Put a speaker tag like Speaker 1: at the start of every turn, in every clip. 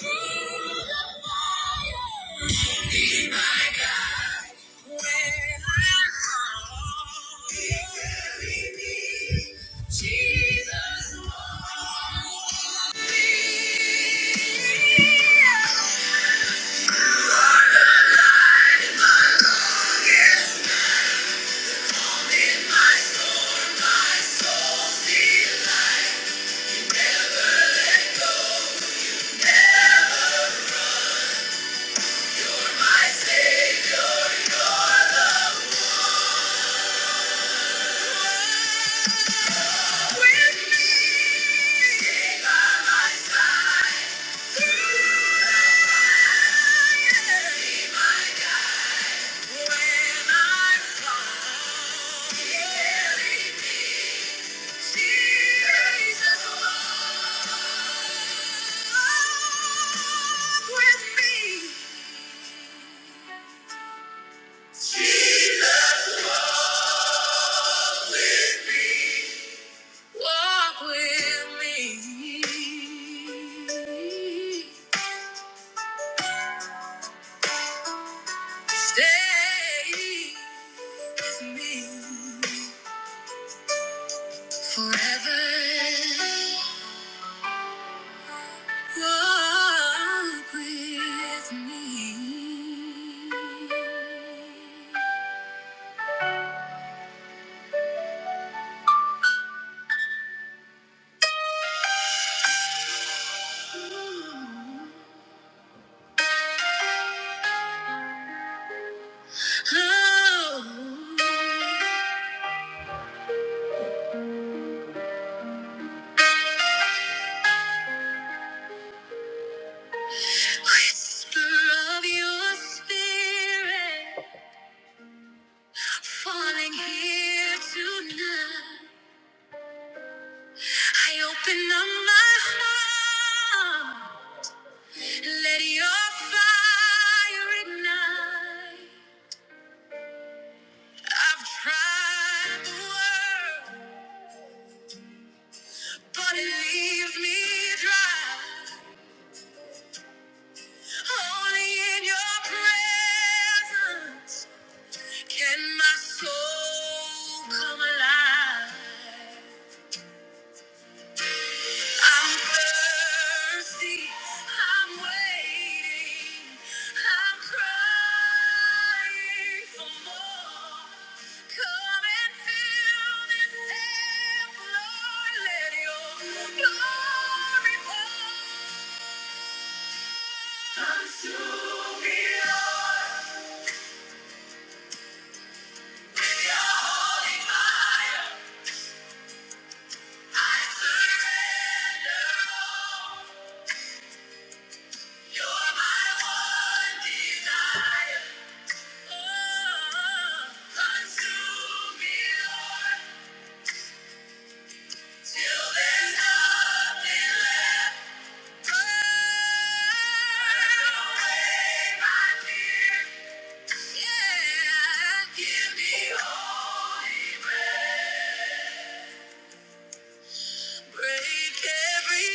Speaker 1: Yeah. My Savior, you're the with me by my side through the fire. Be my guide when I'm gone. He carried me, Jesus walk with me. Jesus, walk with me. Stay with me forever. Walk with me. Oh, whisper of your spirit. Falling here tonight, I open up my heart. Let your fire ignite. I've tried the world, but it leaves me dry. Only in your presence can my soul come alive. I'm thirsty. I'm waiting. I'm crying for more. Come and fill this temp, Lord. Let your glory pour. Consume me, Lord, with your holy fire. I surrender all. You're my one desire. Oh, consume me, Lord, till there's nothing left. Burn away my fears. Yeah. Give me holy breath. Break every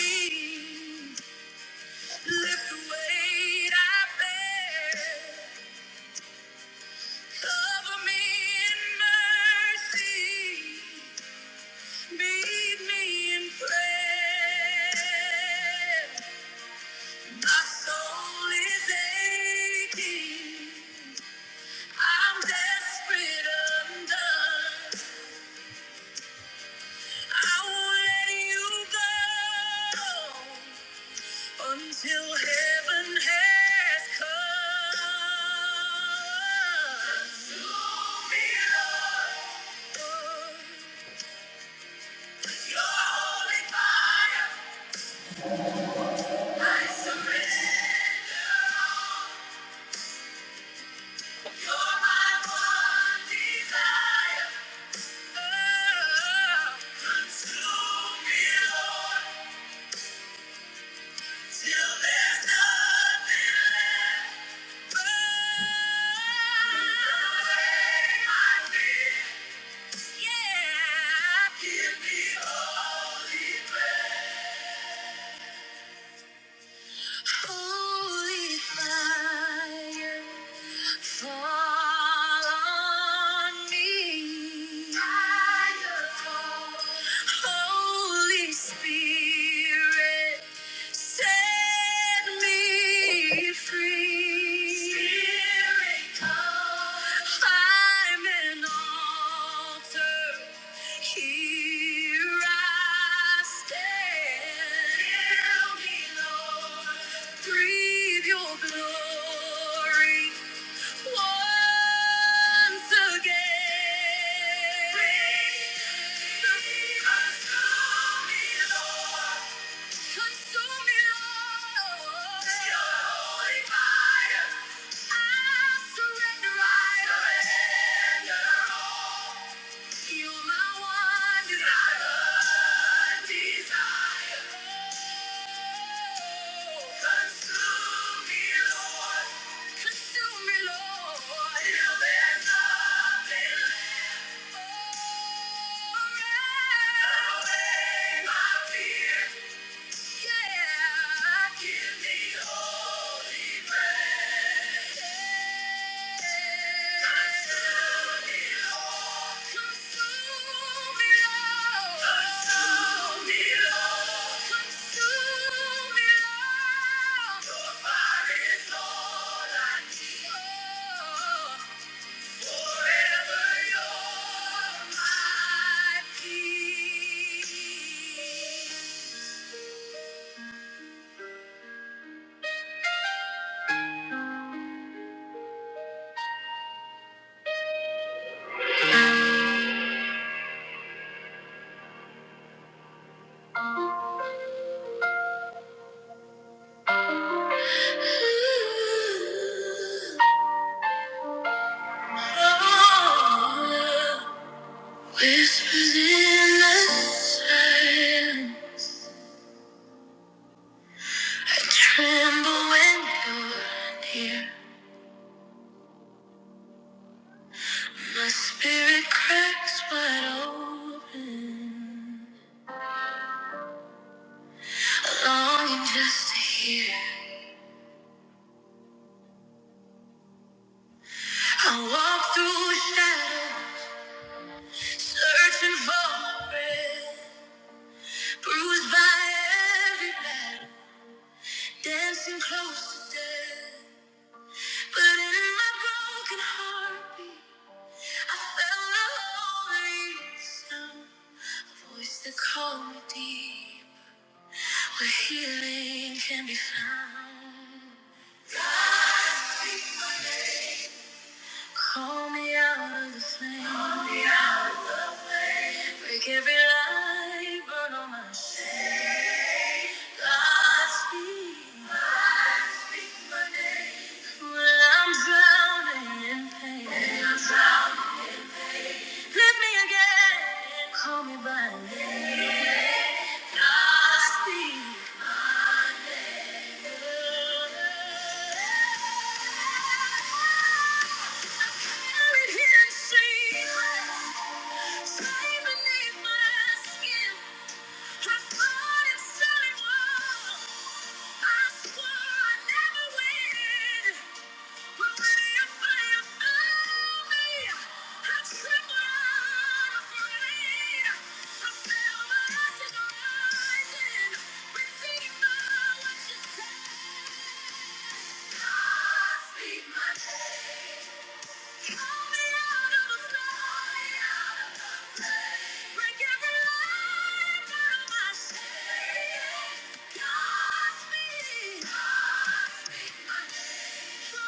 Speaker 1: chain. Lift the weight I bear. Cover me in mercy. Meet me in prayer. My soul is aching. I'm desperate, undone. I won't let you go until heaven has come. Consume me, Lord. Yeah. Give me holy breath. Holy fire, fall on me. Fire, fall. Holy Spirit. Set me free. Spirit, come. I'm an altar. Here I stand. Fill me, Lord. Breathe your glory once again. Breathe, breathe us through me, Lord. Consume me, Lord. Your holy fire. I surrender, I surrender all. You're my one desire. Desire. Oh, consume me, Lord. Consume me, Lord. Till there's nothing left. Oh, burn away my fear. Forever you're my peace. Whispers in the silence. I tremble when you're near. My spirit cracks wide open. Longing just to hear. I walk through shadows, searching for my breath. Bruised by every battle, dancing close to death. But in my broken heartbeat, I felt a holy sound, a voice that called me deep, where healing can be found. Call me out of the flame, Call me out. break every lie, burn all my shame. God speak when I'm drowning in pain. When I'm drowning- Lift me again, call me by name. God speak. I swore I never win my speak Yeah. Forever.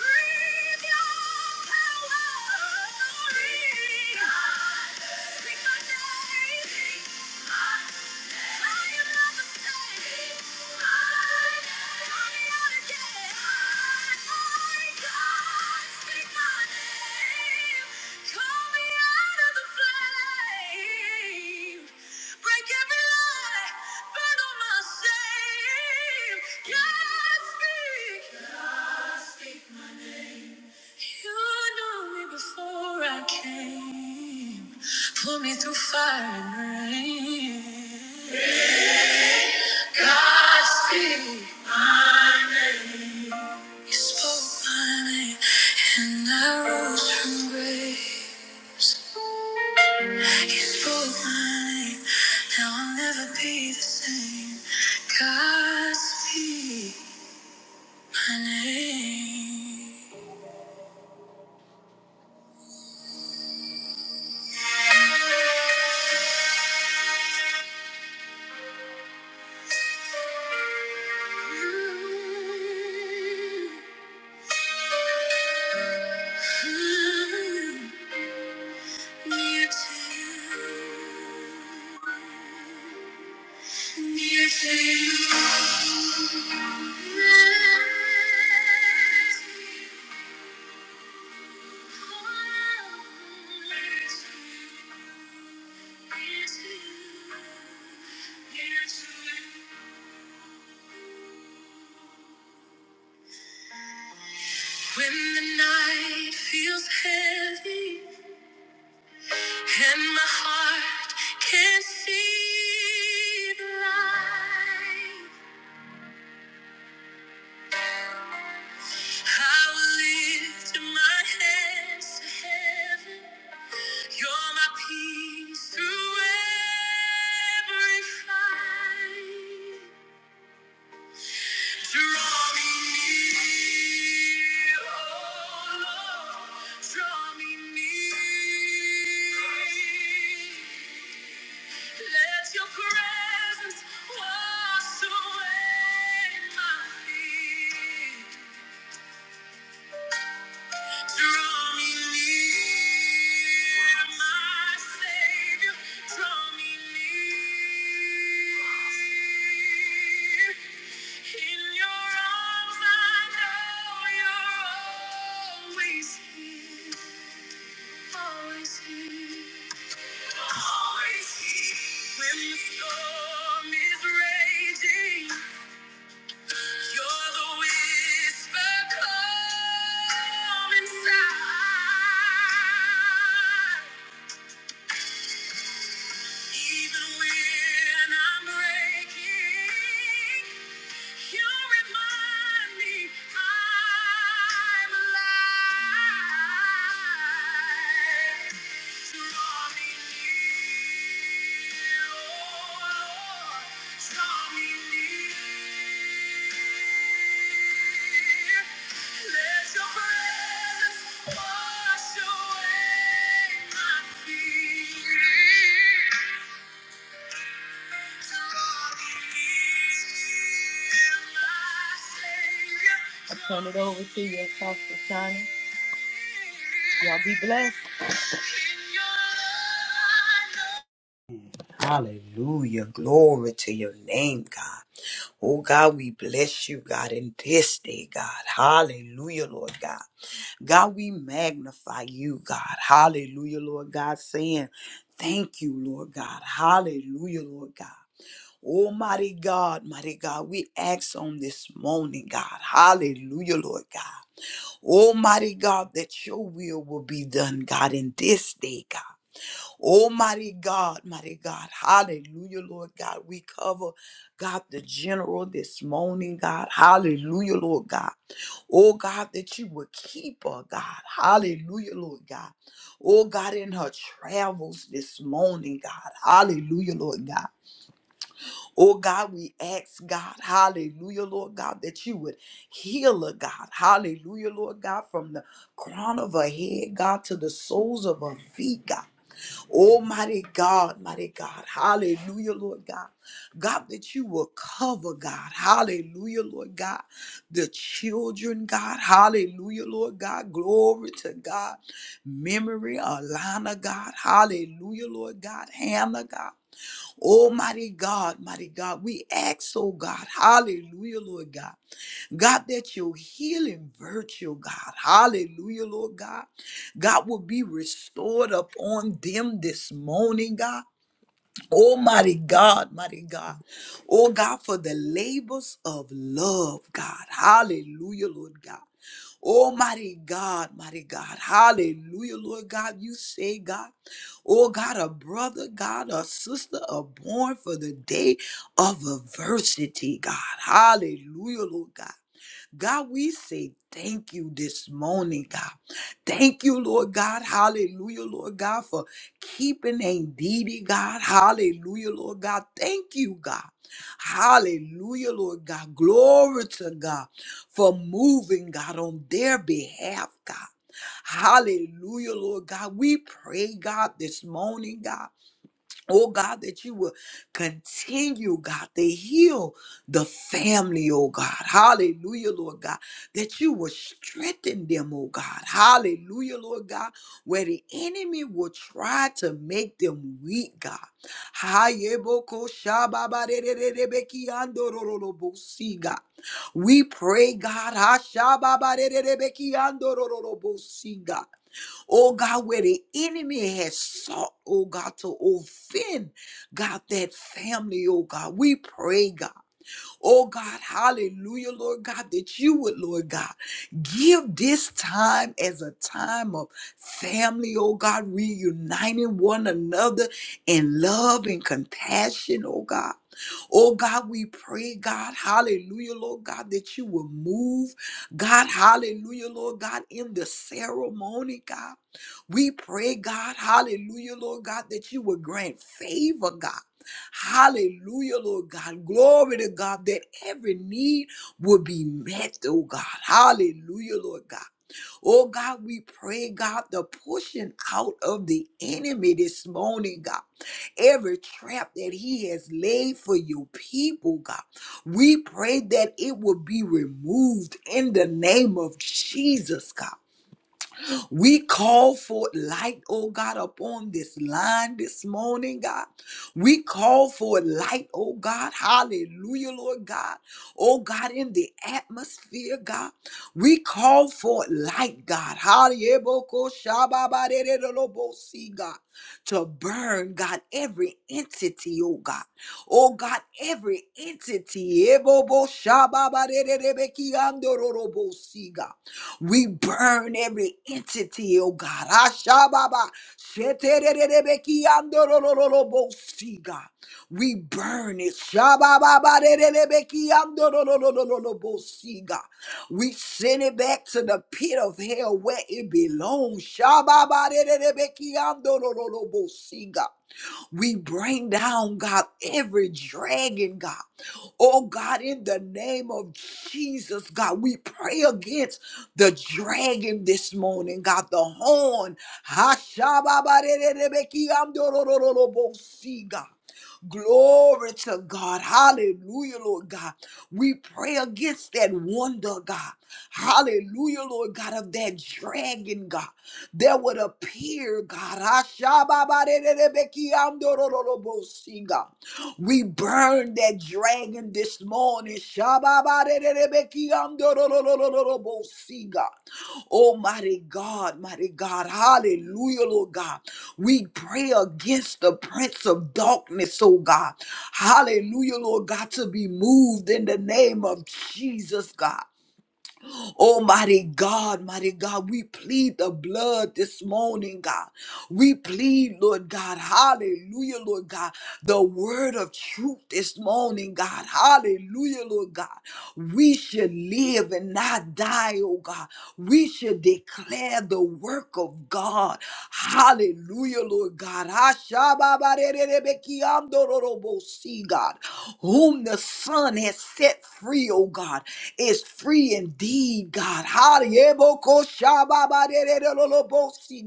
Speaker 1: Breathe your power. Breathe. Break every lie, burn all my shame. God, speak. You knew me before I came. Put me through fire and rain. God speak. You spoke my name, and I rose from graves. You spoke my name, now I'll never be the same. God speak my name. Mm. I'm near to, near to. When the night feels heavy and my heart can't see the light, I will lift my hands to heaven. You're my peace through every fight. Draw me near, oh Lord. Draw me near. Let your presence wash away my fear. Draw me near, my Savior. Draw me near. In your arms, I know you're always here, always here, always here. When the storm is raging. You're the whisper calm inside. Even when I'm breaking, you remind me I'm alive. Draw me near, oh Lord. Draw me near. Let your presence wash away my fear. I turn it over to you, Pastor Shana. Y'all be blessed.
Speaker 2: Hallelujah. Glory to your name, God. Oh, God, we bless you, God, in this day, God. Hallelujah, Lord God. God, we magnify you, God. Hallelujah, Lord God, saying, Thank you, Lord God. Hallelujah, Lord God. Almighty God, mighty God, we ask on this morning, God. Hallelujah, Lord God. Almighty God, that your will will be done, God, in this day, God. Oh, mighty God, mighty God. Hallelujah, Lord God. We cover, God, the general this morning, God. Hallelujah, Lord God. Oh, God, that you would keep her, God. Hallelujah, Lord God. Oh, God, in her travels this morning, God. Hallelujah, Lord God. Oh, God, we ask, God. Hallelujah, Lord God, that you would heal her, God. Hallelujah, Lord God, from the crown of her head, God, to the soles of her feet, God. Oh, mighty God, mighty God. Hallelujah, Lord God. God, that you will cover, God. Hallelujah, Lord God. The children, God. Hallelujah, Lord God. Glory to God. Memory, Alana, God. Hallelujah, Lord God. Hannah, God. Almighty God, mighty God, we ask, oh God, hallelujah, Lord God. God, that your healing virtue, God, hallelujah, Lord God, God will be restored upon them this morning, God. Almighty God, mighty God. Oh God, for the labors of love, God. Hallelujah, Lord God. Almighty God, mighty God. Hallelujah, Lord God. You say, God, oh God, a brother, God, a sister are born for the day of adversity, God. Hallelujah, Lord God. God, we say thank you this morning, God. Thank you, Lord God. Hallelujah, Lord God, for keeping Indeedy, God. Hallelujah, Lord God. Thank you, God. Hallelujah, Lord God. Glory to God for moving, God, on their behalf, God. Hallelujah, Lord God. We pray, God, this morning, God. Oh God, that you will continue, God, to heal the family, oh God. Hallelujah, Lord God. That you will strengthen them, oh God. Hallelujah, Lord God. Where the enemy will try to make them weak, God. Hayeboko shababarererebekiandorororobosi, God. We pray, God. hashababarererebekiandorororobosi, God Oh God, where the enemy has sought, oh God, to offend, God, that family, oh God. We pray, God. Oh God, hallelujah, Lord God, that you would, Lord God, give this time as a time of family, oh God, reuniting one another in love and compassion, oh God. Oh God, we pray, God, hallelujah, Lord God, that you will move, God, hallelujah, Lord God, in the ceremony, God. We pray, God, hallelujah, Lord God, that you will grant favor, God. Hallelujah, Lord God. Glory to God that every need will be met, oh God. Hallelujah, Lord God. Oh God, we pray, God, the pushing out of the enemy this morning, God every trap that he has laid for your people, God. We pray that it will be removed in the name of Jesus, God. We call for light, oh God, upon this line this morning, God. We call for light, oh God. Hallelujah, Lord God. Oh God, in the atmosphere, God. We call for light, God. hallelujah, God. To burn, God, every entity, oh God. Oh God, every entity. See, God. We burn every entity, oh God. Ashababa. Sheterererebekiandorororobosi, God. We burn it. Shabababarererebekiandororororobosi, God. We send it back to the pit of hell where it belongs. Shababarererebekiandorororobosi, God. We bring down, God, every dragon, God. Oh, God, in the name of Jesus, God, we pray against the dragon this morning, God, the horn. Hashababarerebekiandorororobosi, God. Glory to God. Hallelujah, Lord God. We pray against that wonder, God. Hallelujah, Lord God, of that dragon, God, that would appear, God. Ashababarerebekiamdorororobosi, God. We burn that dragon this morning. Shababarerebekiamdororororobosi, God. Almighty God, mighty God. Hallelujah, Lord God. We pray against the prince of darkness, oh God. Hallelujah, Lord God, to be moved in the name of Jesus, God. Almighty God, mighty God, we plead the blood this morning, God. We plead, Lord God, hallelujah, Lord God, the word of truth this morning, God, hallelujah, Lord God. We should live and not die, oh God. We should declare the work of God, hallelujah, Lord God. Ashababarererebekiandororobosi, God, whom the Son has set free, oh God, is free indeed, God. Hallelujah.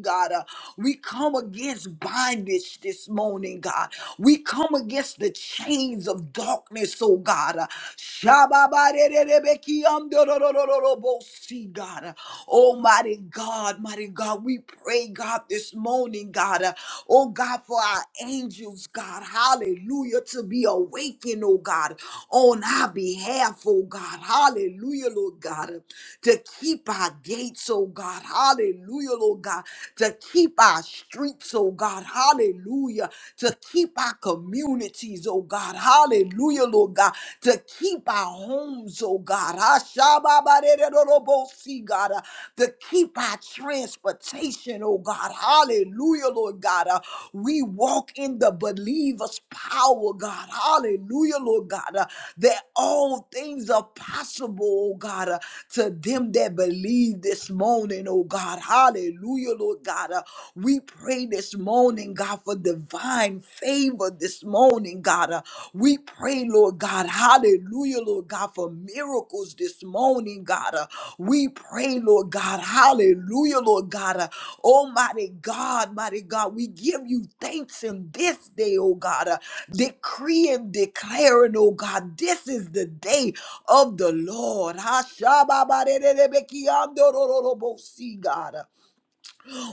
Speaker 2: God. Uh, We come against bondage this morning, God. We come against the chains of darkness, oh God. Uh, Shababarererebekiamdororororobosi, God. Uh, Almighty God, mighty God, we pray, God, this morning, God. uh, Oh God, for our angels, God. Hallelujah. To be awakened, oh God, on our behalf, oh God. Hallelujah, Lord God to keep our gates, oh God. Hallelujah, Lord God. To keep our streets, oh God. Hallelujah. To keep our communities, oh God. Hallelujah, Lord God. To keep our homes, oh God. Ashababarerorobosi, God. Uh, To keep our transportation, oh God. Hallelujah, Lord God. Uh, uh, we walk in the believer's power, God. Hallelujah, Lord God. Uh, that all things are possible, oh God, uh, to them that believe this morning, oh God. Hallelujah, Lord God. Uh, we pray this morning, God, for divine favor this morning, God. Uh, we pray, Lord God. Hallelujah. Hallelujah, Lord God, for miracles this morning, God. Uh, we pray, Lord God. Hallelujah, Lord God. Uh, Almighty God, mighty God, we give you thanks in this day, oh God. Uh, decree declaring, oh God, this is the day of the Lord. Ha, shababarerebekiandorororobosi, God. Uh,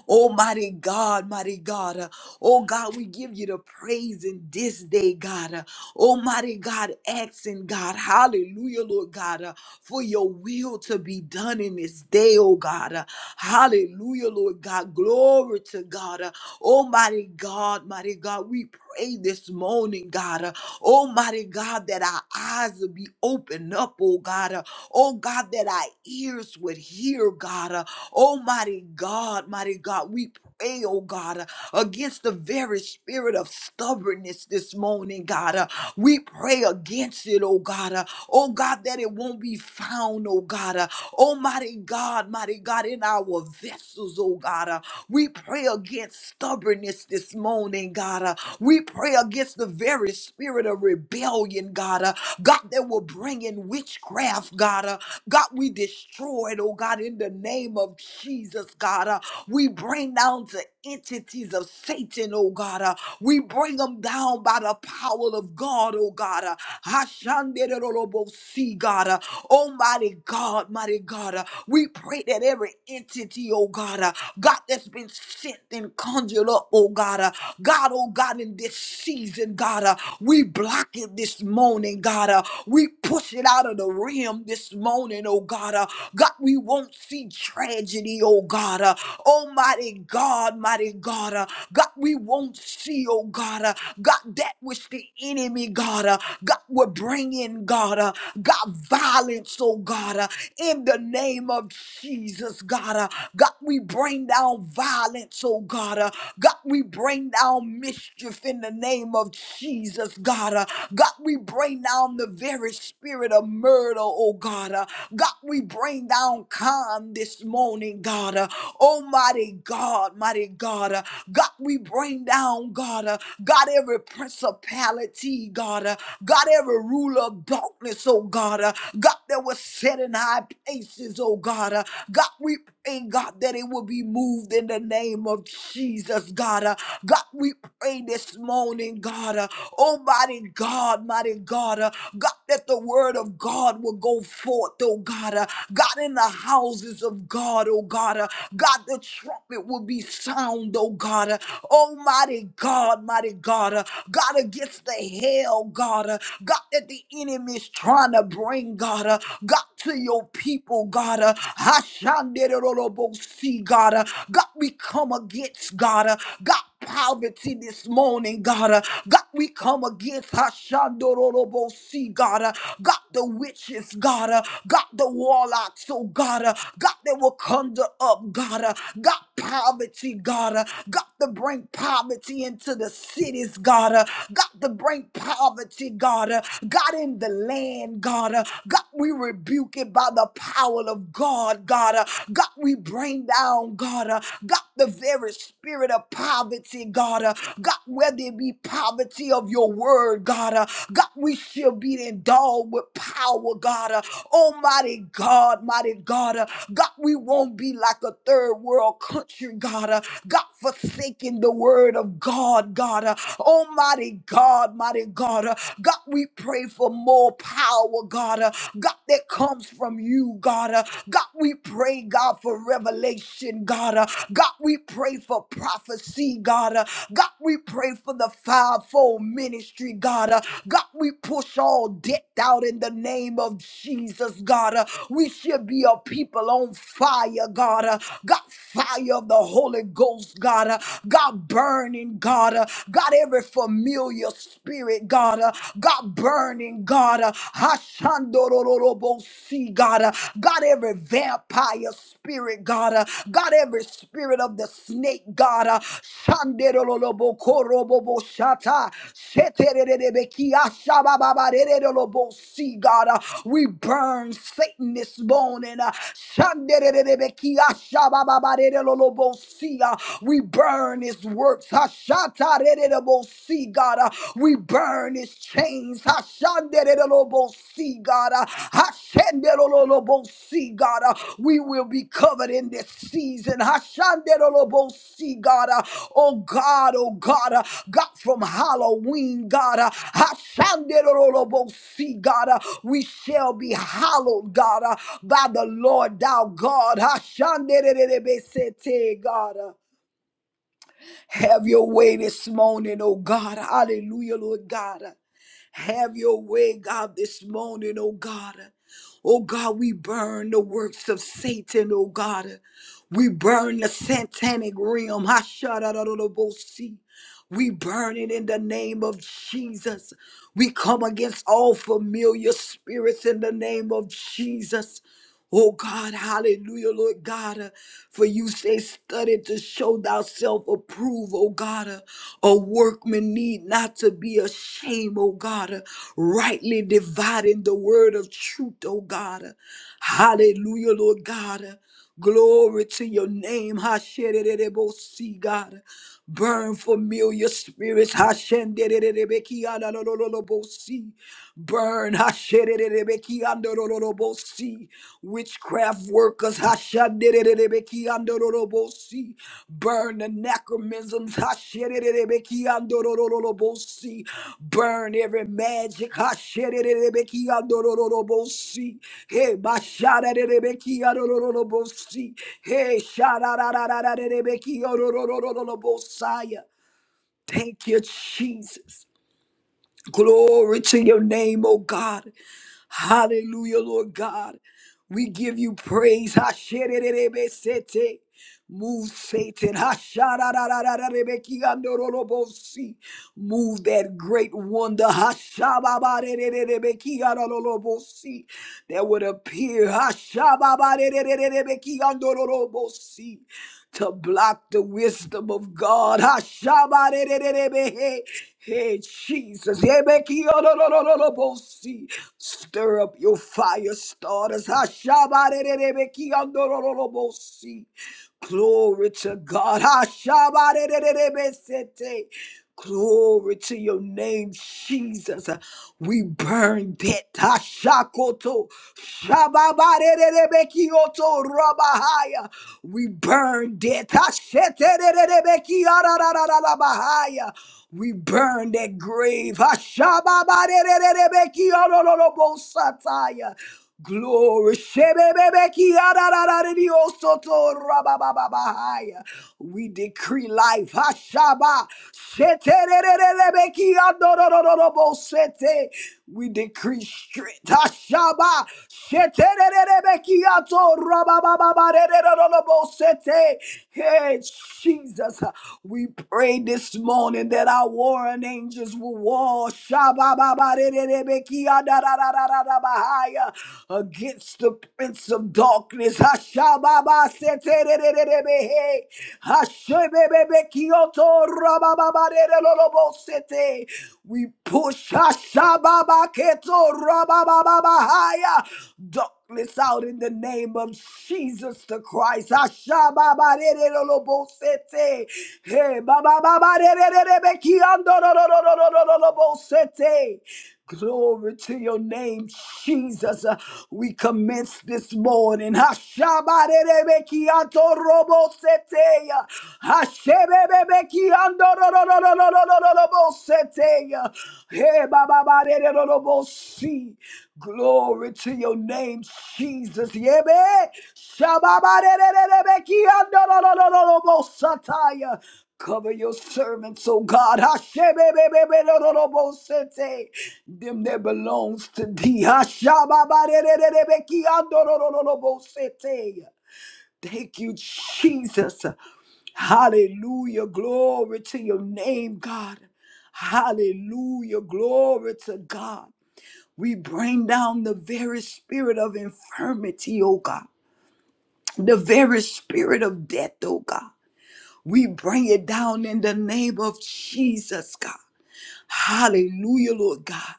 Speaker 2: Oh, mighty God, mighty God. Uh, Oh, God, we give you the praise in this day, God. Uh, Oh, mighty God, asking God, hallelujah, Lord God, uh, for your will to be done in this day, oh God. Uh, Hallelujah, Lord God. Glory to God. Uh, Almighty God, mighty God, we pray this morning, God, uh, Almighty God, that our eyes will be opened up, oh God. uh, Oh God, that our ears would hear, God. uh, Almighty God, mighty God, we pray, oh God, uh, against the very spirit of stubbornness this morning, God. uh, We pray against it, oh God. uh, Oh God, that it won't be found, oh God. uh, Almighty God, mighty God, in our vessels, oh God. uh, We pray against stubbornness this morning, God. uh, we pray against the very spirit of rebellion, God. Uh, God, that will bring in witchcraft, God. Uh, God, we destroy it, oh God, in the name of Jesus, God. Uh, we bring down to entities of Satan, oh God. Uh, we bring them down by the power of God, oh God. Uh, Hashanderolobosi, God. Uh, Almighty God, mighty God. uh, we pray that every entity, oh God, uh, God that's been sent and conjured up, oh God, uh, God, oh God, in this season, God, uh, we block it this morning, God, uh, we push it out of the realm this morning, oh God, uh, God, we won't see tragedy, oh God, uh, Almighty God, mighty God, uh, God, we won't see, oh God, uh, God, that which the enemy, God, uh, God, will bring in, God, uh, God, violence, oh God, uh, in the name of Jesus, God. Uh, God, we bring down violence, oh God. Uh, God, we bring down mischief in the name of Jesus, God. Uh, God, we bring down the very spirit of murder, oh God. Uh, God, we bring down calm this morning, God. Uh, Almighty God, mighty God. Uh, God, we bring down, God. Uh, God, every principality, God. Uh, God, every ruler of darkness, oh God. Uh, God, that was set in high places, oh God. Uh, God, we pray, God, that it will be moved in the name of Jesus, God. Uh, God, we pray this morning, God. Uh, oh, mighty God, mighty God. Uh, God, that the word of God will go forth, oh God. Uh, God, in the houses of God, oh God. Uh, God, the trumpet will be sound, oh God. Uh, Almighty God, mighty God. Uh, God, against the hell, God. Uh, God, that the enemy enemy's trying to bring, God, uh, God, to your people, God. Uh, Hashanderorobosi, God, uh, God, we come against, God, uh, God, poverty this morning, God. Uh, God, we come against Hashandororobosi, God. Uh, God, the witches, God. Uh, God, the warlocks, oh God. Uh, God, that will conjure up, God. Uh, God, poverty, God. Uh, God, to bring poverty into the cities, God. Uh, God, to bring poverty, poverty, God. Uh, God, in the land, God. Uh, God, we rebuke it by the power of God, God. Uh, God, we bring down, God. Uh, God, the very spirit of poverty, God. Uh, God, whether it be poverty of your word, God. Uh, God, we shall be endowed with power, God. Uh, Almighty God, mighty God. Uh, God, we won't be like a third world country, God. Uh, God, forsaking the word of God, God. Uh, Almighty God. God, mighty God. Uh, God, we pray for more power, God. Uh, God, that comes from you, God. Uh, God, we pray, God, for revelation, God. Uh, God, we pray for prophecy, God. Uh, God, we pray for the fivefold ministry, God. Uh, God, we push all debt out in the name of Jesus, God. Uh, we should be a people on fire, God. Uh, God, fire of the Holy Ghost, God. Uh, God, burning, God. Uh, God, every familiar spirit, God, uh, God, burning, God, uh, Hashandorororobosi, God, uh, God, every vampire spirit, God, uh, God, every spirit of the snake, God, uh, Shanderolobokoroboboshata, Shetererebekiashabababarerolobosi, God, uh, we burn Satan this morning, uh, Shandererebekiashabababarerolobosi, uh, we burn his works. Hashatarerebosi, God. Uh, We burn his chains. Hashandererebosi, God. Uh, Hashandererebosi, God. Uh, We will be covered in this season. Hashandererebosi, God. Uh, Oh God, oh God. Uh, God, from Halloween, God. Uh, Hashandererebosi, God. Uh, We shall be hallowed, God, uh, by the Lord thou God. Hashandererebosi, God. uh, have your way this morning, oh God. Hallelujah, Lord God. Have your way, God, this morning, oh God. Oh God, we burn the works of Satan, oh God. We burn the satanic realm. Hashadadadabosi. We burn it in the name of Jesus. We come against all familiar spirits in the name of Jesus. Oh God, hallelujah, Lord God. uh, for you say, study to show thyself approved, oh God. uh, a workman need not to be ashamed, oh God. uh, rightly dividing the word of truth, oh God. uh, hallelujah, Lord God. uh, Glory to your name, Hashem. God. Uh, Burn familiar spirits, Hashem. Burn hashererebeki andororobosi. Witchcraft workers hashadererebeki andororobosi. Burn the necromisms hashererebeki andororobosi. Burn every magic hashererebeki andororobosi. Hey, basharerebeki andororobosi. Hey, sharararerebeki andororobosaya. Thank you, Jesus. Glory to your name, oh God. Hallelujah, Lord God. We give you praise. Hashererebesete. Move Satan. Hashararararebekiandorolobosi. Move that great wonder. Hashababarererebekiandorolobosi. That would appear. Hashababarererebekiandorolobosi. To block the wisdom of God. Hashabarererebehe. Hey, Jesus. Yebekiyororororobosi. Stir up your fire starters. Hashabarerebekiyororororobosi. Glory to God. Hashabarererebesete. Glory to your name, Jesus. We burn that Tashakoto Shababarerebekioto Rabahaya. We burn that Tasheterebekiararararabahaya. We burn that grave. Hashababarerebekiororobosataya. Glory. Shebebebeki adadadadidio soto rabababahaya. We decree life. Hashaba. Shetererelebeki adodododobosete. We decree strength. Hashaba. Shetererelebeki ato rababababadedododobosete. Hey, Jesus. We pray this morning that our warring angels will war Shabababarererebekiadadadadadabahaya, against the prince of darkness. Hashababaseterererebehe. Hashebebebekioto rabababarerelolobosete. We push Hashababaketo rababababahaya. darkness out in the name of Jesus the Christ. Hashababarerelolobosete. Hey, babababarererebekiandororororororobosete. Glory to your name, Jesus. Uh, we commence this morning. Hashabarerebekiatoroboseteya. Hashebebebekiandorororororororoboseteya. Hebababarerorobosi. Glory to your name, Jesus. Yebe. Shababarerebekiandorororororobosataya. Cover your servants, oh God. Hashem-e-be-be-be-do-do-do-bo-sete. Them that belongs to thee. Hashem-a-ba-de-de-de-de-be-ki-a-do-do-do-do-do-bo-sete. Thank you, Jesus. Hallelujah. Glory to your name, God. Hallelujah. Glory to God. We bring down the very spirit of infirmity, oh God. The very spirit of death, oh God. We bring it down in the name of Jesus, God. Hallelujah, Lord God.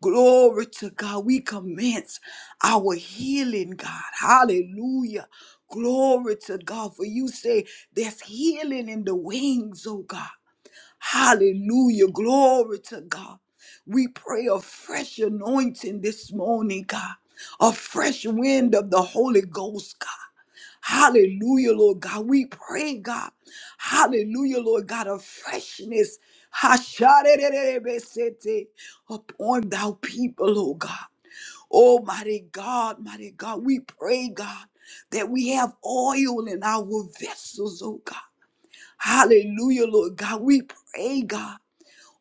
Speaker 2: Glory to God. We commence our healing, God. Hallelujah. Glory to God. For you say there's healing in the wings, oh God. Hallelujah. Glory to God. We pray a fresh anointing this morning, God. A fresh wind of the Holy Ghost, God. Hallelujah, Lord God. We pray, God. Hallelujah, Lord God, a freshness. Hasharererebesete Upon thou people, oh God. Almighty God, mighty God, we pray, God, that we have oil in our vessels, oh God. Hallelujah, Lord God. We pray, God.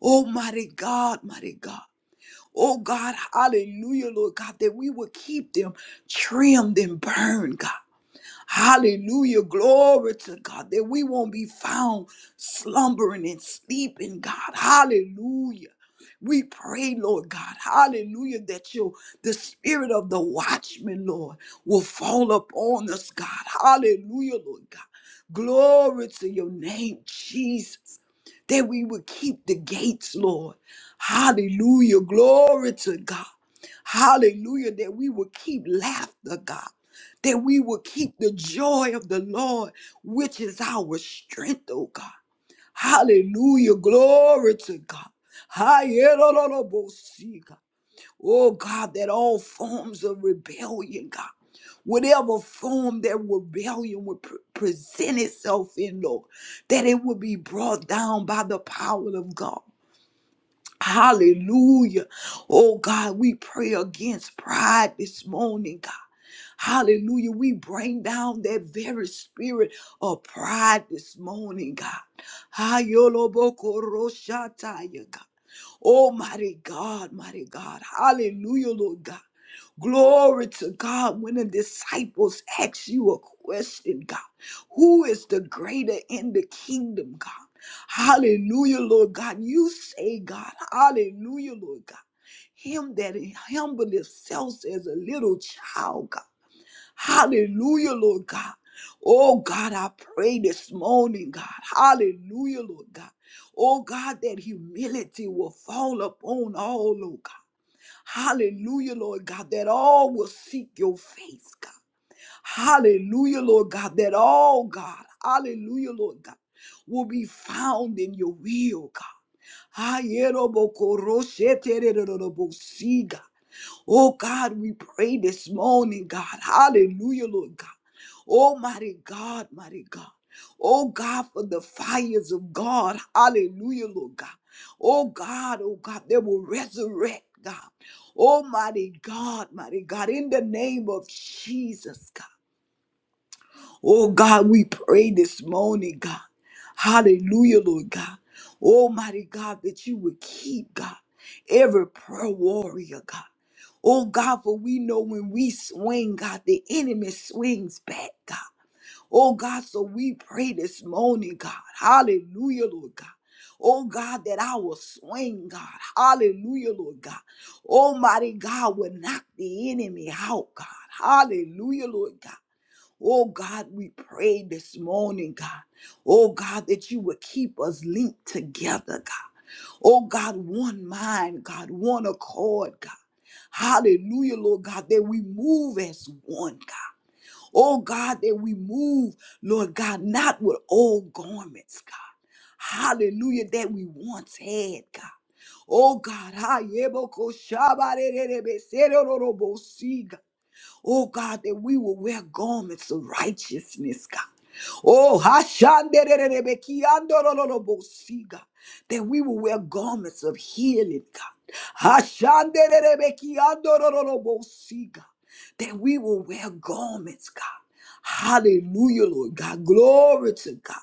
Speaker 2: Oh, mighty God, mighty God. Oh, God, hallelujah, Lord God, that we will keep them trimmed and burned, God. Hallelujah. Glory to God that we won't be found slumbering and sleeping, God. Hallelujah. We pray, Lord God, hallelujah, that your the spirit of the watchman, Lord, will fall upon us, God. Hallelujah, Lord God. Glory to your name, Jesus. That we would keep the gates, Lord. Hallelujah. Glory to God. Hallelujah. That we would keep laughter, God that we will keep the joy of the Lord, which is our strength, oh God. Hallelujah. Glory to God. Hayerororobosi, God. Oh God, that all forms of rebellion, God, whatever form that rebellion would pre- present itself in, Lord, that it would be brought down by the power of God. Hallelujah. Oh God, we pray against pride this morning, God. Hallelujah. We bring down that very spirit of pride this morning, God. Hayolobokoroshataya, God. Oh, mighty God, mighty God. Hallelujah, Lord God. Glory to God when the disciples ask you a question, God. Who is the greater in the kingdom, God? Hallelujah, Lord God. You say, God. Hallelujah, Lord God. Him that humbled himself as a little child, God. Hallelujah, Lord God. Oh God, I pray this morning, God. Hallelujah, Lord God. Oh God, that humility will fall upon all, Lord God. Hallelujah, Lord God, that all will seek your face, God. Hallelujah, Lord God, that all, God, hallelujah, Lord God, will be found in your will, God. Hayerobokorosetererobosiga. Oh God, we pray this morning, God. Hallelujah, Lord God. Oh mighty God, mighty God. Oh God, for the fires of God. Hallelujah, Lord God. Oh God, oh God, they will resurrect, God. Almighty God, mighty God, in the name of Jesus, God. Oh God, we pray this morning, God. Hallelujah, Lord God. Almighty God, that you would keep, God, every prayer warrior, God. Oh God, for we know when we swing, God, the enemy swings back, God. Oh God, so we pray this morning, God. Hallelujah, Lord God. Oh God, that I will swing, God. Hallelujah, Lord God. Almighty God will knock the enemy out, God. Hallelujah, Lord God. Oh God, we pray this morning, God. Oh God, that you would keep us linked together, God. Oh God, one mind, God, one accord, God. Hallelujah, Lord God, that we move as one, God. Oh God, that we move, Lord God, not with old garments, God. Hallelujah, that we once had, God. Oh God, ha, yebo ko shaba re re re be se ro ro ro bo si, God. Oh God, that we will wear garments of righteousness, God. Oh, hashandererebekiandorolobosi, God, that we will wear garments of healing, God. Hashandererebekiandorolobosi, God, That we will wear garments, God. Hallelujah, Lord God. Glory to God.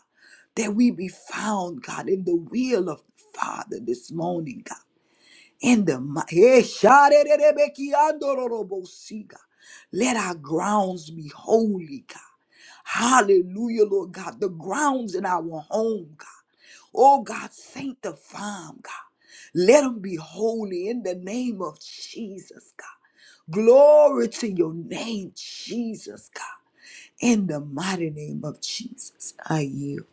Speaker 2: That we be found, God, in the will of the Father this morning, God in the mi- Eh, sharererebekiandororobosiga. let our grounds be holy, God. Hallelujah, Lord God. The grounds in our home, God. Oh, God, sanctify 'em, God. Let them be holy in the name of Jesus, God. Glory to your name, Jesus, God. In the mighty name of Jesus, I yield.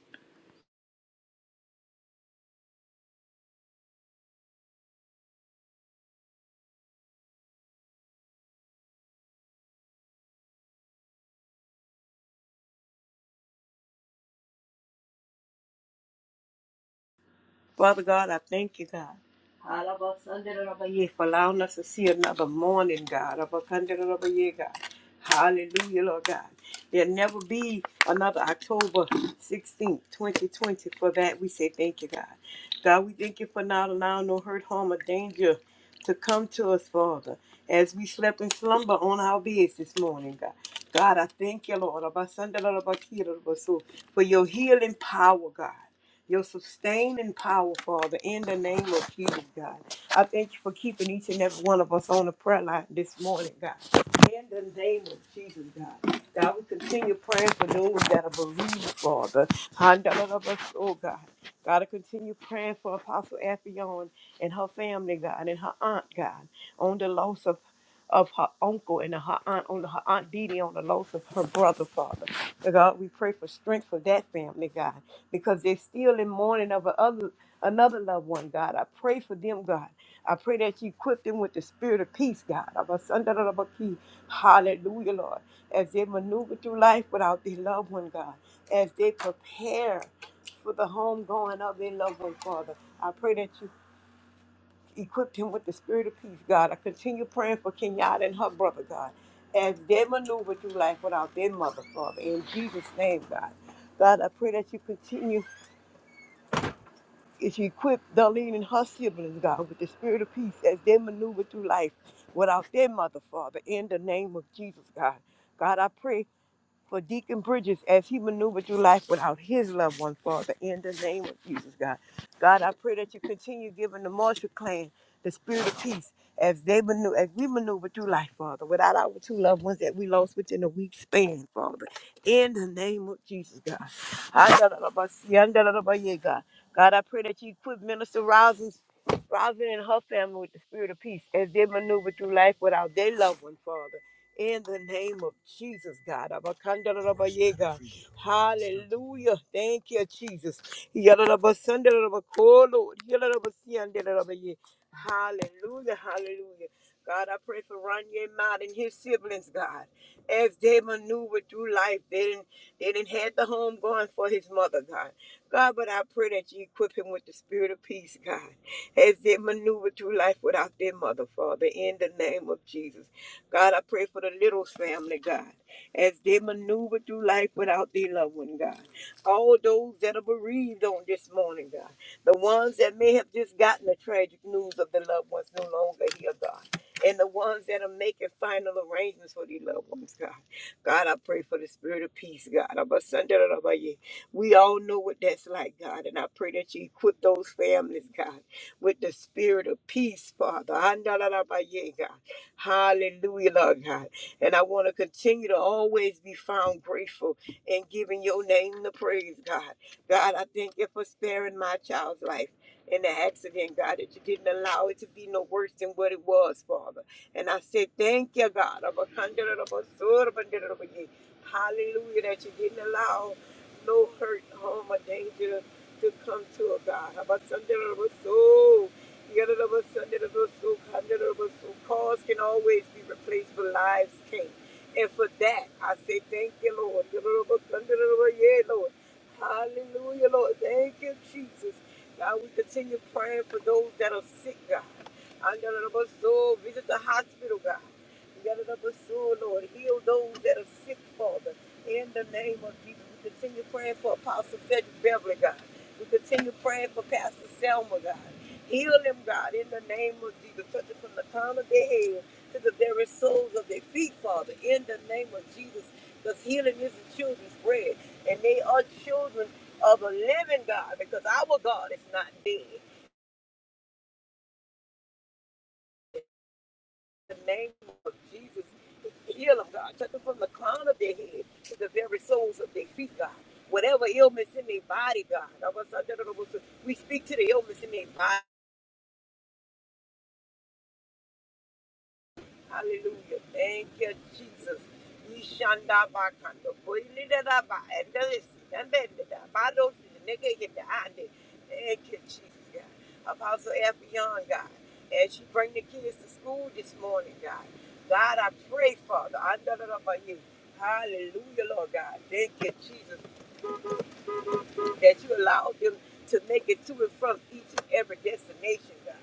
Speaker 3: Father God, I thank you, God, for allowing us to see another morning, God, of a hundred of a year, God. Hallelujah, Lord God. There'll never be another October 16th, 2020. For that, we say thank you, God. God, we thank you for not allowing no hurt, harm, or danger to come to us, Father, as we slept in slumber on our beds this morning, God. God, I thank you, Lord, of about Sunday, Lord, of about Kira, Lord, of so for your healing power, God your sustaining power, Father, in the name of Jesus, God. I thank you for keeping each and every one of us on the prayer line this morning, God. In the name of Jesus, God. God, we continue praying for those that are bereaved, Father. Handalabas, Oh, God. God, I continue praying for Apostle Affion and her family, God, and her aunt, God, on the loss of of her uncle and her aunt on her aunt Didi on the loss of her brother, Father. God, we pray for strength for that family, God, because they're still in mourning of another another loved one, God. I pray for them, God. I pray that you equip them with the spirit of peace, God. Of a son, da, da, da, ba, key. Hallelujah, Lord. As they maneuver through life without their loved one, God. As they prepare for the home going of their loved one, Father. I pray that you equipped him with the spirit of peace, God. I continue praying for Kenyatta and her brother, God, as they maneuver through life without their mother, Father. In Jesus' name, God. God, I pray that you continue to equip Darlene and her siblings, God, with the spirit of peace as they maneuver through life without their mother, Father. In the name of Jesus, God. God, I pray for Deacon Bridges as he maneuvered through life without his loved ones, Father, in the name of Jesus, God. God, I pray that you continue giving the Marshall clan the spirit of peace as they maneuver, as we maneuver through life, Father, without our two loved ones that we lost within a week span, Father, in the name of Jesus, God. God, God I pray that you equip Minister Rousins, Rousing and her family with the spirit of peace as they maneuver through life without their loved one, Father in the name of Jesus, God. Abakandarabaye, God. Hallelujah. Thank you, Jesus. Yadarabasandarabakoh, Lord. Yadarabasiandarabaye. Hallelujah. Hallelujah. God, I pray for Ronye Mott and his siblings, God. As they maneuver through life, they didn't, they didn't have the home going for his mother, God. God, but I pray that you equip him with the spirit of peace, God, as they maneuver through life without their mother, Father, in the name of Jesus. God, I pray for the little family, God, as they maneuver through life without their loved one, God. All those that are bereaved on this morning, God. The ones that may have just gotten the tragic news of the loved ones no longer here, God. And the ones that are making final arrangements for their loved ones, God. God, I pray for the spirit of peace, God. Abasandarabaye. We all know what that's like, God. And I pray that you equip those families, God, with the spirit of peace, Father. Andalabaye, God. Hallelujah, Lord God. And I want to continue to always be found grateful and giving your name the praise, God. God, I thank you for sparing my child's life in the accident, God, that you didn't allow it to be no worse than what it was, Father. And I said, thank you, God. Hallelujah, that you didn't allow no hurt, harm, or danger to come to, oh God. About Sunday of us, oh, yet of us, Sunday of us, oh, hundred of us, oh, cars can always be replaced, but lives can't. And for that, I say thank you, Lord. Yet of us, Sunday of us, yeah, Lord. Hallelujah, Lord. Thank you, Jesus. God, we continue praying for those that are sick, God. Under the bus, so visit the hospital, God. Yadadabasu, Lord, heal those that are sick, Father. In the name of Jesus, we continue praying for Apostle Frederick Beverly, God. We continue praying for Pastor Selma, God. Heal them, God, in the name of Jesus. Touch them from the crown of their head to the very soles of their feet, Father. In the name of Jesus, because healing is the children's bread, and they are children of a living God, because our God is not dead. the name of Jesus. Heal them, God. Touch them from the crown of their head to the very soles of their feet, God. Whatever illness in their body, God. We speak to the illness in their body. Hallelujah. Thank you, Jesus. Ishanda bakando koili da da ba endelisi endende da ba dosi nigga get the ande. Thank you, Jesus God. Apostle Effion God, as you bring the kids to school this morning, God. God, I pray, Father, under the love of you. Hallelujah, Lord God. Thank you, Jesus that you allow them to make it to and from each and every destination, God.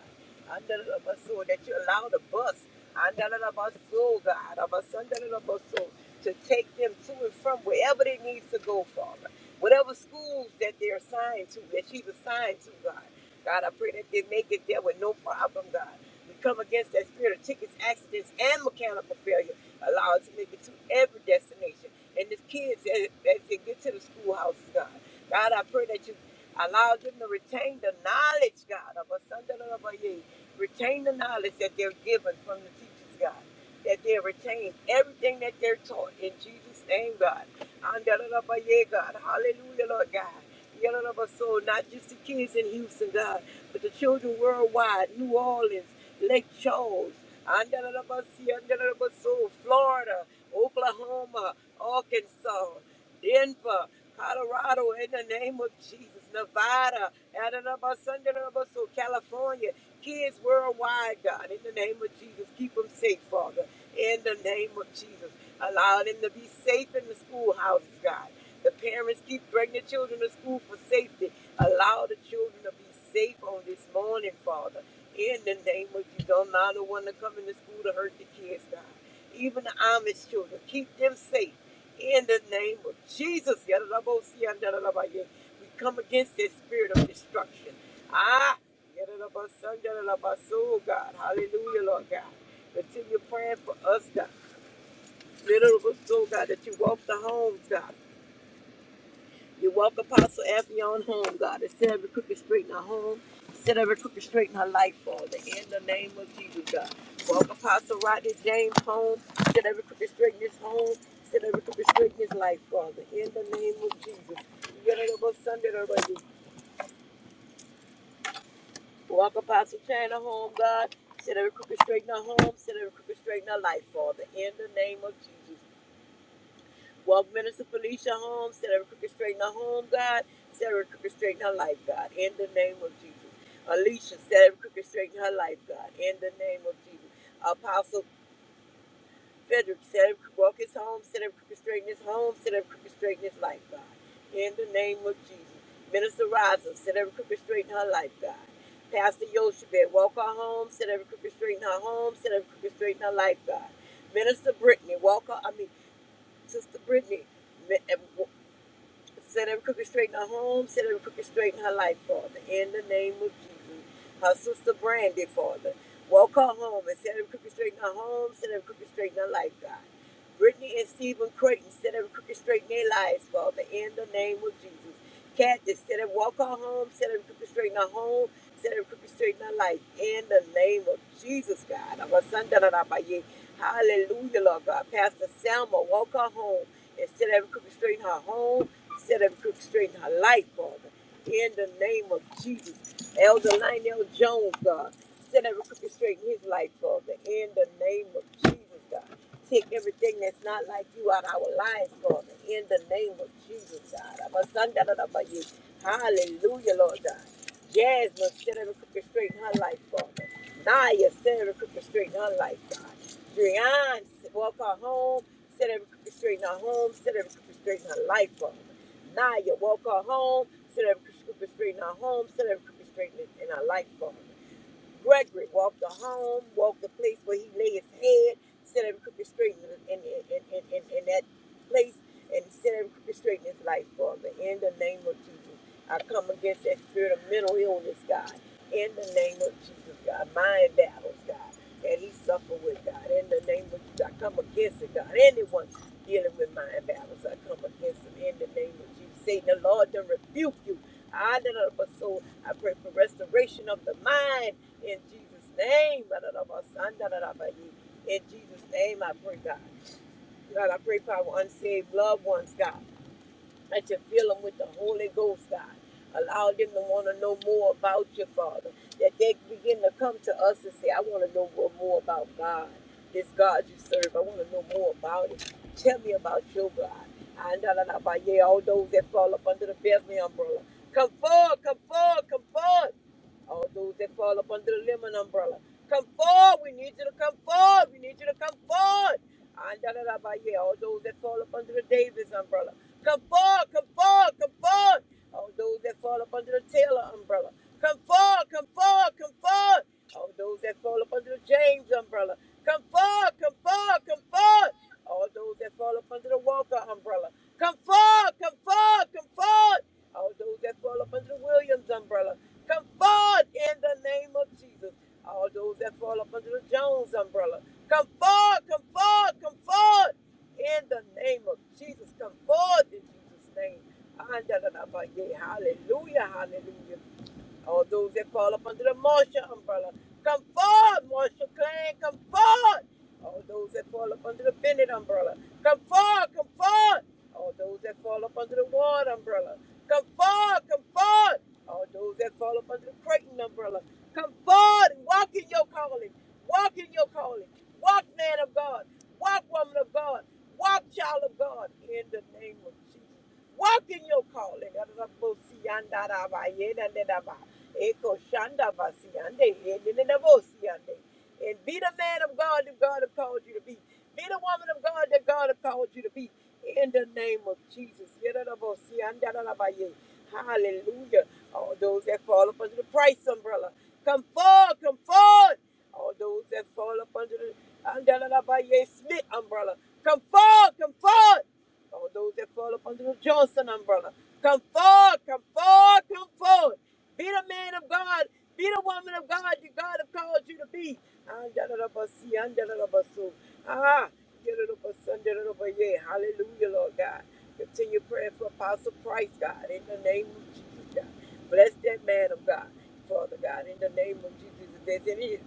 Speaker 3: Andalabaso, That you allow the bus, Andalabaso, God, Abasandalabaso, to take them to and from wherever they need to go, Father. Whatever schools that they're assigned to, that she's assigned to, God. God, I pray that they make it there with no problem, God. We come against that spirit of tickets, accidents, and mechanical failure. Allow us to make it to every destination. And the kids, as, as they get to the schoolhouse, God. God, I pray that you allow them to retain the knowledge, God, of a son of a ye. Retain the knowledge that they're given from the teachers, God. That they retain everything that they're taught in Jesus' name, God. Andalabaye, God. Hallelujah, Lord God. Yeah, So not just the kids in Houston, God, but the children worldwide, New Orleans, Lake Charles, and da- so Florida, Oklahoma, Arkansas, Denver, Colorado, in the name of Jesus, Nevada, Adanabasundanamasu, California, kids worldwide, God, in the name of Jesus, keep them safe, Father, in the name of Jesus. Allow them to be safe in the schoolhouses, God. The parents keep bringing the children to school for safety. Allow the children to be safe on this morning, Father. In the name of Jesus, don't allow the one to come into school to hurt the kids, God. Even the Amish children, keep them safe. In the name of Jesus, Yadadabosia, we come against this spirit of destruction. Ah, God. Hallelujah, Lord God. Continue praying for us, God. Little soul, God, that you walk the homes, God. You walk Apostle Affion home, God, and set every crooked straight in her home. Set every crooked straight in her life, Father, in the name of Jesus, God. Walk Apostle Rodney James home, set every crooked straight in his home. Set every crooked straight in his life, Father, in the name of Jesus. You gotta go Sunday already. Walk Apostle China home, God. Set every crooked straight in her home. Set every crooked straight in her life, Father, in the name of Jesus. Walk Minister Felicia home. Set every crooked straight in her home, God. Set every crooked straight in her life, God. In the name of Jesus. Alicia, set every crooked straight in her life, God. In the name of Jesus. Apostle Frederick, set every crooked walk his home. Set every crooked straight in his home. Set every crooked straight in his life, God. In the name of Jesus. Minister Rosa, set every crooked straight in her life, God. Pastor Yoshebed, walk her home. Set every crooked straight in her home. Set every crooked straight in her life, God. Minister Brittany, walk her, I mean, Sister Brittany, Set every crooked straight in her home. Set every crooked straight in her life, Father. In the name of Jesus. Her sister Brandy, Father. Walk her home and set every crooked straight in her home. Set every crooked straight in her life, God. Brittany and Stephen Creighton, set every crooked straight in their lives, Father. In the name of Jesus. Kathy, set every walk her home. Set every crooked straight in her home. Set every crooked straight in our life. In the name of Jesus, God. Hallelujah, Lord God. Pastor Selma, walk her home and set every crooked straight in her home. Set every crooked straight in her life, Father. In the name of Jesus. Elder Lionel Jones, God. Set every crooked straight in his life, Father. In the name of Jesus, God. Take everything that's not like you out of our lives, Father. In the name of Jesus, God. Hallelujah, Lord God. Jasmine, set every crooked straight in her life, Father. Naya, set every crooked straight in her life, God. Drian, walk her home, set every crooked straight in her home, set every crooked straight in her life, Father. Naya, walk her home, set every crooked straight in her home, set every crooked straight in her life, Father. Gregory walked the home, walked the place where he lay his head, set every crooked straight in, in, in, in, in, in that place, and set every crooked straight in his life, Father. In the name of Jesus, I come against that spirit of mental illness, God. In the name of Jesus, God. Mind battles, God. That he suffered with, God. In the name of Jesus, I come against it, God. Anyone dealing with mind battles, I come against them. In the name of Jesus, Satan, the Lord, to rebuke you. I, the soul, I pray for restoration of the mind in Jesus' name, in Jesus' name, I pray, God. God, I pray for our unsaved loved ones, God, that you fill them with the Holy Ghost, God. Allow them to want to know more about you, Father. That they begin to come to us and say, I want to know more about God, this God you serve. I want to know more about it. Tell me about your God. And all those that fall up under the Bethlehem umbrella. Come forward, come forward, come forward all those that fall up under the lemon umbrella. Come forward. We need you to come forward. We need you to come forward. yeah. All those that fall up under the Davis umbrella. Come forward. Come forward. Come forward. All those that fall up under the Taylor umbrella. Come forward. Come forward. Come forward. All those that fall up under the James umbrella. Come forward. Come forward. Come forward. All those that fall up under the Walker umbrella, come forward, come forward, come forward. All those that fall up under the Williams umbrella, come forward in the name of Jesus. All those that fall up under the Jones umbrella, come forward, come forward, come forward. In the name of Jesus, come forward in Jesus' name. Hallelujah, hallelujah. All those that fall up under the Marshall umbrella, come forward, Marshall Clan, come forward. All those that fall up under the Bennett umbrella, come forward, come forward. All those that fall up under the Ward umbrella, come forward, come forward. All those that fall up under the Creighton umbrella, come forward and walk in your calling. Walk in your calling. Walk, man of God. Walk, woman of God. Walk, child of God. In the name of Jesus. Walk in your calling. Arabosiyandarabayedandedaba. And be the man of God that God has called you to be. Be the woman of God that God has called you to be. In the name of Jesus. Hallelujah. All those that fall up under the price umbrella. Come forward, come forward. All those that fall up under the under the Smith umbrella. Come forward, come forward. All those that fall up under the Johnson umbrella, come forward, come forward, come forward. Be the man of God, be the woman of God that God have called you to be. Andalabasi, andalabasu. Ah, yadalabasa, andalabaya. Hallelujah, Lord God. Continue praying for Apostle Price, God, in the name of Jesus. God. Bless that man of God, Father God, in the name of Jesus. If there's any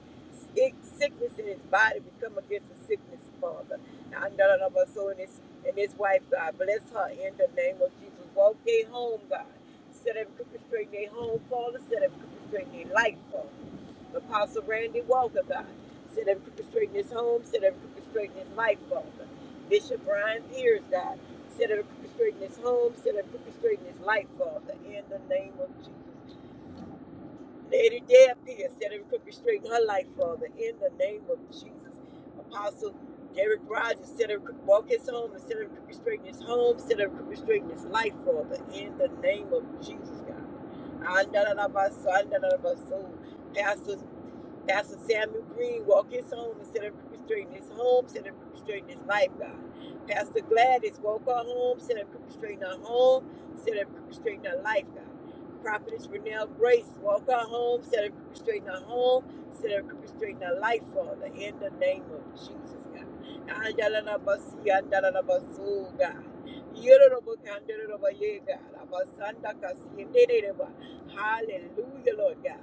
Speaker 3: sickness in his body, we come against the sickness, Father. Now, none of us, so in his, in his wife, God, bless her in the name of Jesus. Walk they home, God. Set them crooked straight in their home, Father. Set them crooked straight in their life, Father. Apostle Randy Walker, God. Set them crooked straight in his home. Set them crooked straight in his life, Father. Bishop Brian Pierce, God. Set her straight in his home. Set her straight in his life, Father, in the name of Jesus. Lady Deb here, set her straight in her life, Father, in the name of Jesus. Apostle Derek Rogers, set him walk his home and set him straight in his home. Set him straight in his life, Father, in the name of Jesus, God. Pastor Pastor Samuel Green walk his home and set up people straight in his home, set up people straight in his life, God. Pastor Gladys walk her home, set up people straight in her home, set up people straight in her life, God. Prophetess Renelle Grace walk her home, set up people straight in her home, set up people straight in her life, Father, in the name of Jesus, God. Andalalabasi, andalalabasu, God. Yororobo, kandororobo, yeah, God. Abasanda kasi, ndereba. Hallelujah, Lord God.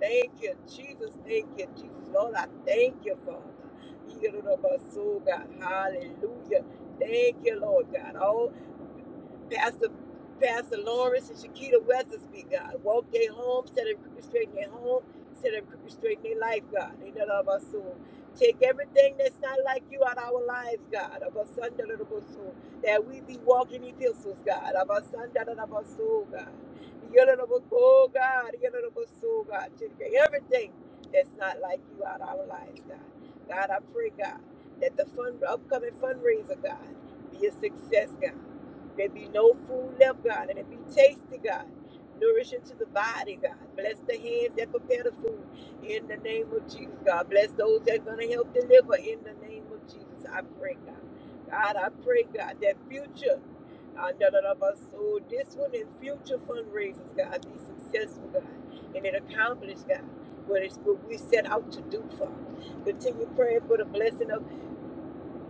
Speaker 3: Thank you, Jesus. Thank you, Jesus. Lord, I thank you, Father. Hallelujah. Thank you, Lord God. All. Pastor, Pastor Lawrence and Shakita Weathersby, God. Walk their home, set them crooked straight in their home, set them crooked straight in their life, God. In the love of our soul. Take everything that's not like you out of our lives, God. Of our son, da, da, da, da, soul. That we be walking epistles, God. Of our son, da, da, da, da, soul, God. Yada, da, da, oh, God. Yada, da, da, da, soul, God. Take everything that's not like you out of our lives, God. God, I pray, God, that the fund, upcoming fundraiser, God, be a success, God. There be no food left, God, and it be tasty, God. Nourishing to the body, God. Bless the hands that prepare the food in the name of Jesus, God. Bless those that are going to help deliver in the name of Jesus. I pray, God. God, I pray, God, that future, uh, none of us, so this one and future fundraisers, God, be successful, God, and it accomplished, God, what, it's, what we set out to do, Father. Continue praying for the blessing of.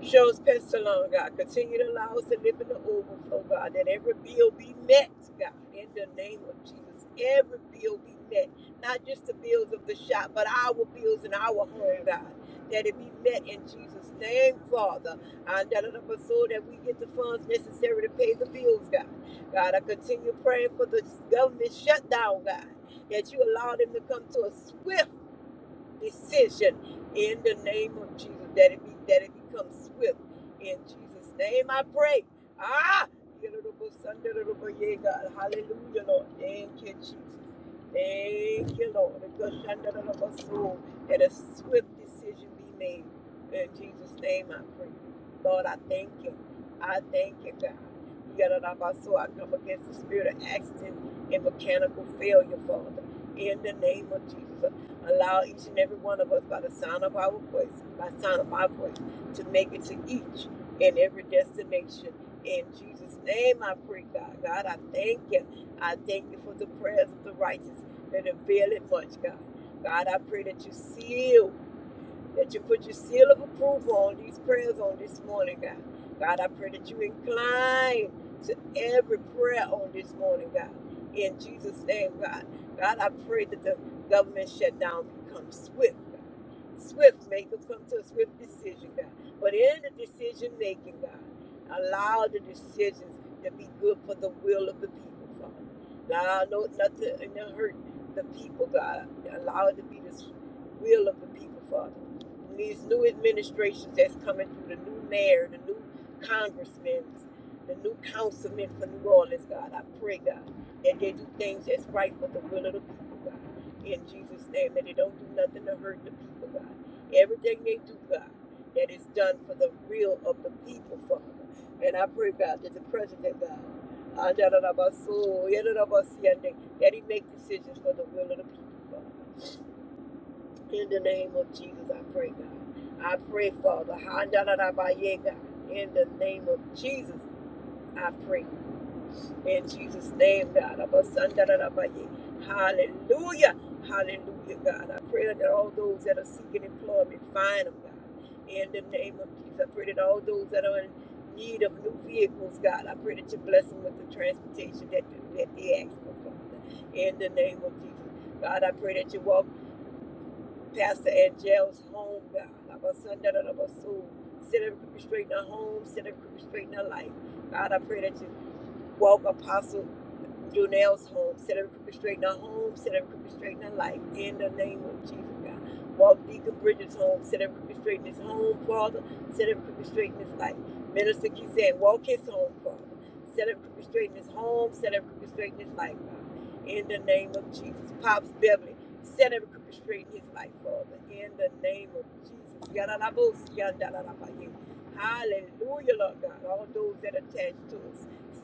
Speaker 3: Shows us along, God. Continue to allow us to live in the overflow, God. That every bill be met, God. In the name of Jesus, every bill be met. Not just the bills of the shop, but our bills in our home, God. That it be met in Jesus' name, Father. And that of us so that we get the funds necessary to pay the bills, God. God, I continue praying for the government shutdown, God. That you allow them to come to a swift decision in the name of Jesus. That it be that it becomes swift. In Jesus' name I pray. Ah Hallelujah, Lord. Thank you, Jesus. Thank you, Lord. Yadadadabaso. That a swift decision be made. In Jesus' name I pray. Lord, I thank you. I thank you, God. Yadadabaso. I come against the spirit of accident and mechanical failure, Father in the name of Jesus. Allow each and every one of us by the sound of our voice, by the sound of our voice, to make it to each and every destination. In Jesus' name I pray, God. God, I thank you. I thank you for the prayers of the righteous that avail it much, God. God, I pray that you seal that you put your seal of approval on these prayers on this morning, God. God, I pray that you incline to every prayer on this morning, God. In Jesus' name, God. God, I pray that the government shutdown becomes swift, God. Swift, make them come to a swift decision, God. But in the decision making, God, allow the decisions to be good for the will of the people, Father. Allow no, nothing to hurt the people, God. Allow it to be the will of the people, Father these new administrations that's coming through, the new mayor, the new congressmen, the new councilmen for New Orleans, God, I pray, God, that they do things that's right for the will of the people, God. In Jesus' name, that they don't do nothing to hurt the people, God. Everything they do, God, that is done for the real of the people, Father. And I pray, God, that the president, God, ah, da, so, yeah, si, that he make decisions for the will of the people, Father. In the name of Jesus, I pray, God. I pray, Father. In the name of Jesus, I pray. In Jesus' name, God. Hallelujah. Hallelujah, God. I pray that all those that are seeking employment find them, God. In the name of Jesus, I pray that all those that are in need of new vehicles, God, I pray that you bless them with the transportation that, that they ask for, Father. In the name of Jesus. God, I pray that you walk. Pastor Angel's home, God. Of our son, that of our soul. Set every crooked straight in her home, set every crooked straight in her life. God, I pray that you Walk Apostle Jonelle's home. Set every crooked straight in her home. Set every crooked straight in her life. In the name of Jesus, God. Walk Deacon Bridges' home. Set every crooked straight in his home, Father. Set every crooked straight in his life. Minister Kizet, walk his home, Father. Set every crooked straight in his home. Set every crooked straight in his life, God. In the name of Jesus. Pops Beverly, set every crooked straight in his life, Father. In the name of Jesus. Yadalabos, yadalabaye. Hallelujah, Lord God. All those that attach to us.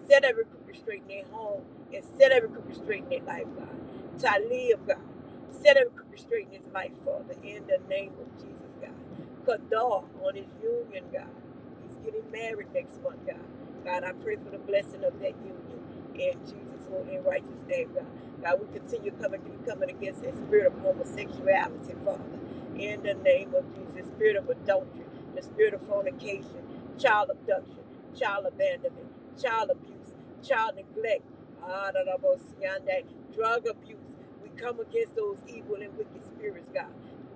Speaker 3: Set every crooked straight in their home and set every crooked straight in their life, God. To I live, God. Set every crooked straight in his life, Father, in the name of Jesus, God. Kadar on his union, God. He's getting married next month, God. God, I pray for the blessing of that union in Jesus' holy and righteous name, God. God, we continue coming, coming against that spirit of homosexuality, Father in the name of Jesus. Spirit of adultery, the spirit of fornication, child abduction, child abandonment child abuse, child neglect, ah, da, da, bo, si, drug abuse. We come against those evil and wicked spirits, God.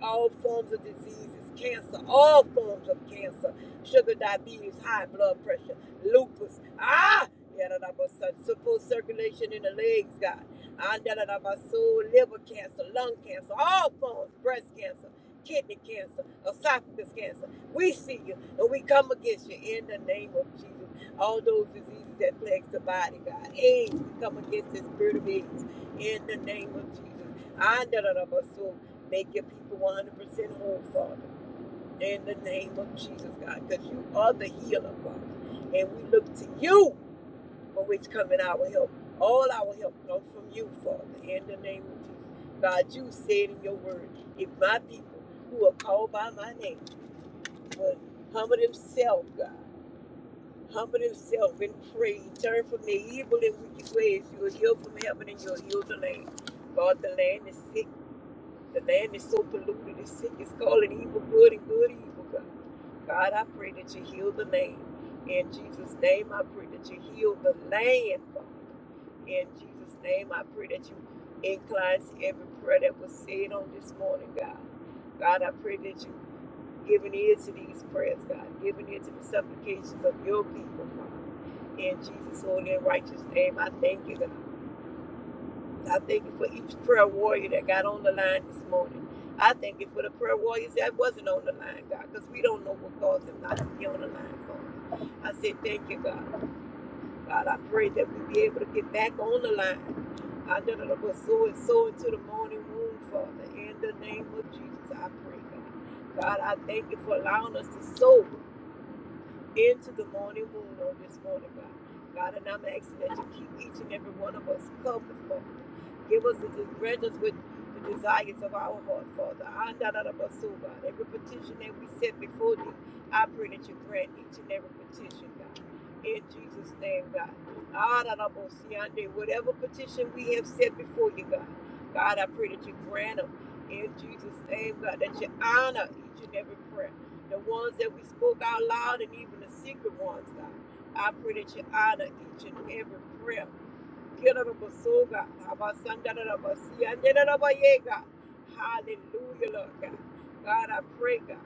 Speaker 3: All forms of diseases, cancer, all forms of cancer, sugar, diabetes, high blood pressure, lupus, ah, yeah, da, da, bo, si, simple circulation in the legs, God. Ah, da, da, da, bo, so, liver cancer, lung cancer, all forms, breast cancer, kidney cancer, esophagus cancer. We see you and we come against you in the name of Jesus all those diseases that plague the body, God. AIDS, we come against the spirit of AIDS in the name of Jesus. I none of us so make your people 100% whole, Father, in the name of Jesus, God, because you are the healer, Father. And we look to you for which coming our help. All our help comes from you, Father, in the name of Jesus. God, you said in your word, if my people who are called by my name would humble themselves, God, humble himself and pray. Turn from the evil and wicked ways. You will heal from heaven and you will heal the land. God, the land is sick. The land is so polluted. It's sick. It's calling evil good and good evil, God. God, I pray that you heal the land. In Jesus' name, I pray that you heal the land, Father. In Jesus' name, I pray that you incline to every prayer that was said on this morning, God. God, I pray that you giving ear to these prayers, God, giving ear to the supplications of your people, Father. In Jesus' holy and righteous name, I thank you, God. I thank you for each prayer warrior that got on the line this morning. I thank you for the prayer warriors that wasn't on the line, God, because we don't know what caused them not to be on the line, Father. I said, thank you, God. God, I pray that we be able to get back on the line. I know that I was so and so into the morning womb, Father. In the name of Jesus, I pray, God. God, I thank you for allowing us to sow into the morning moon on this morning, God. God, and I'm asking that you keep each and every one of us covered, Father. Give us the desires with the desires of our heart, Father. I not out of us, oh God. Every petition that we set before thee, I pray that you grant each and every petition, God. In Jesus' name, God. Ah, da, da, bo, si, Whatever petition we have set before you, God. God, I pray that you grant them. In Jesus' name, God, that you honor each and every prayer the ones that we spoke out loud and even the secret ones, God. I pray that you honor each and every prayer. Kirarabasoga, Abasandarabasia, Nderarabayega. Hallelujah, Lord God. God, I pray, God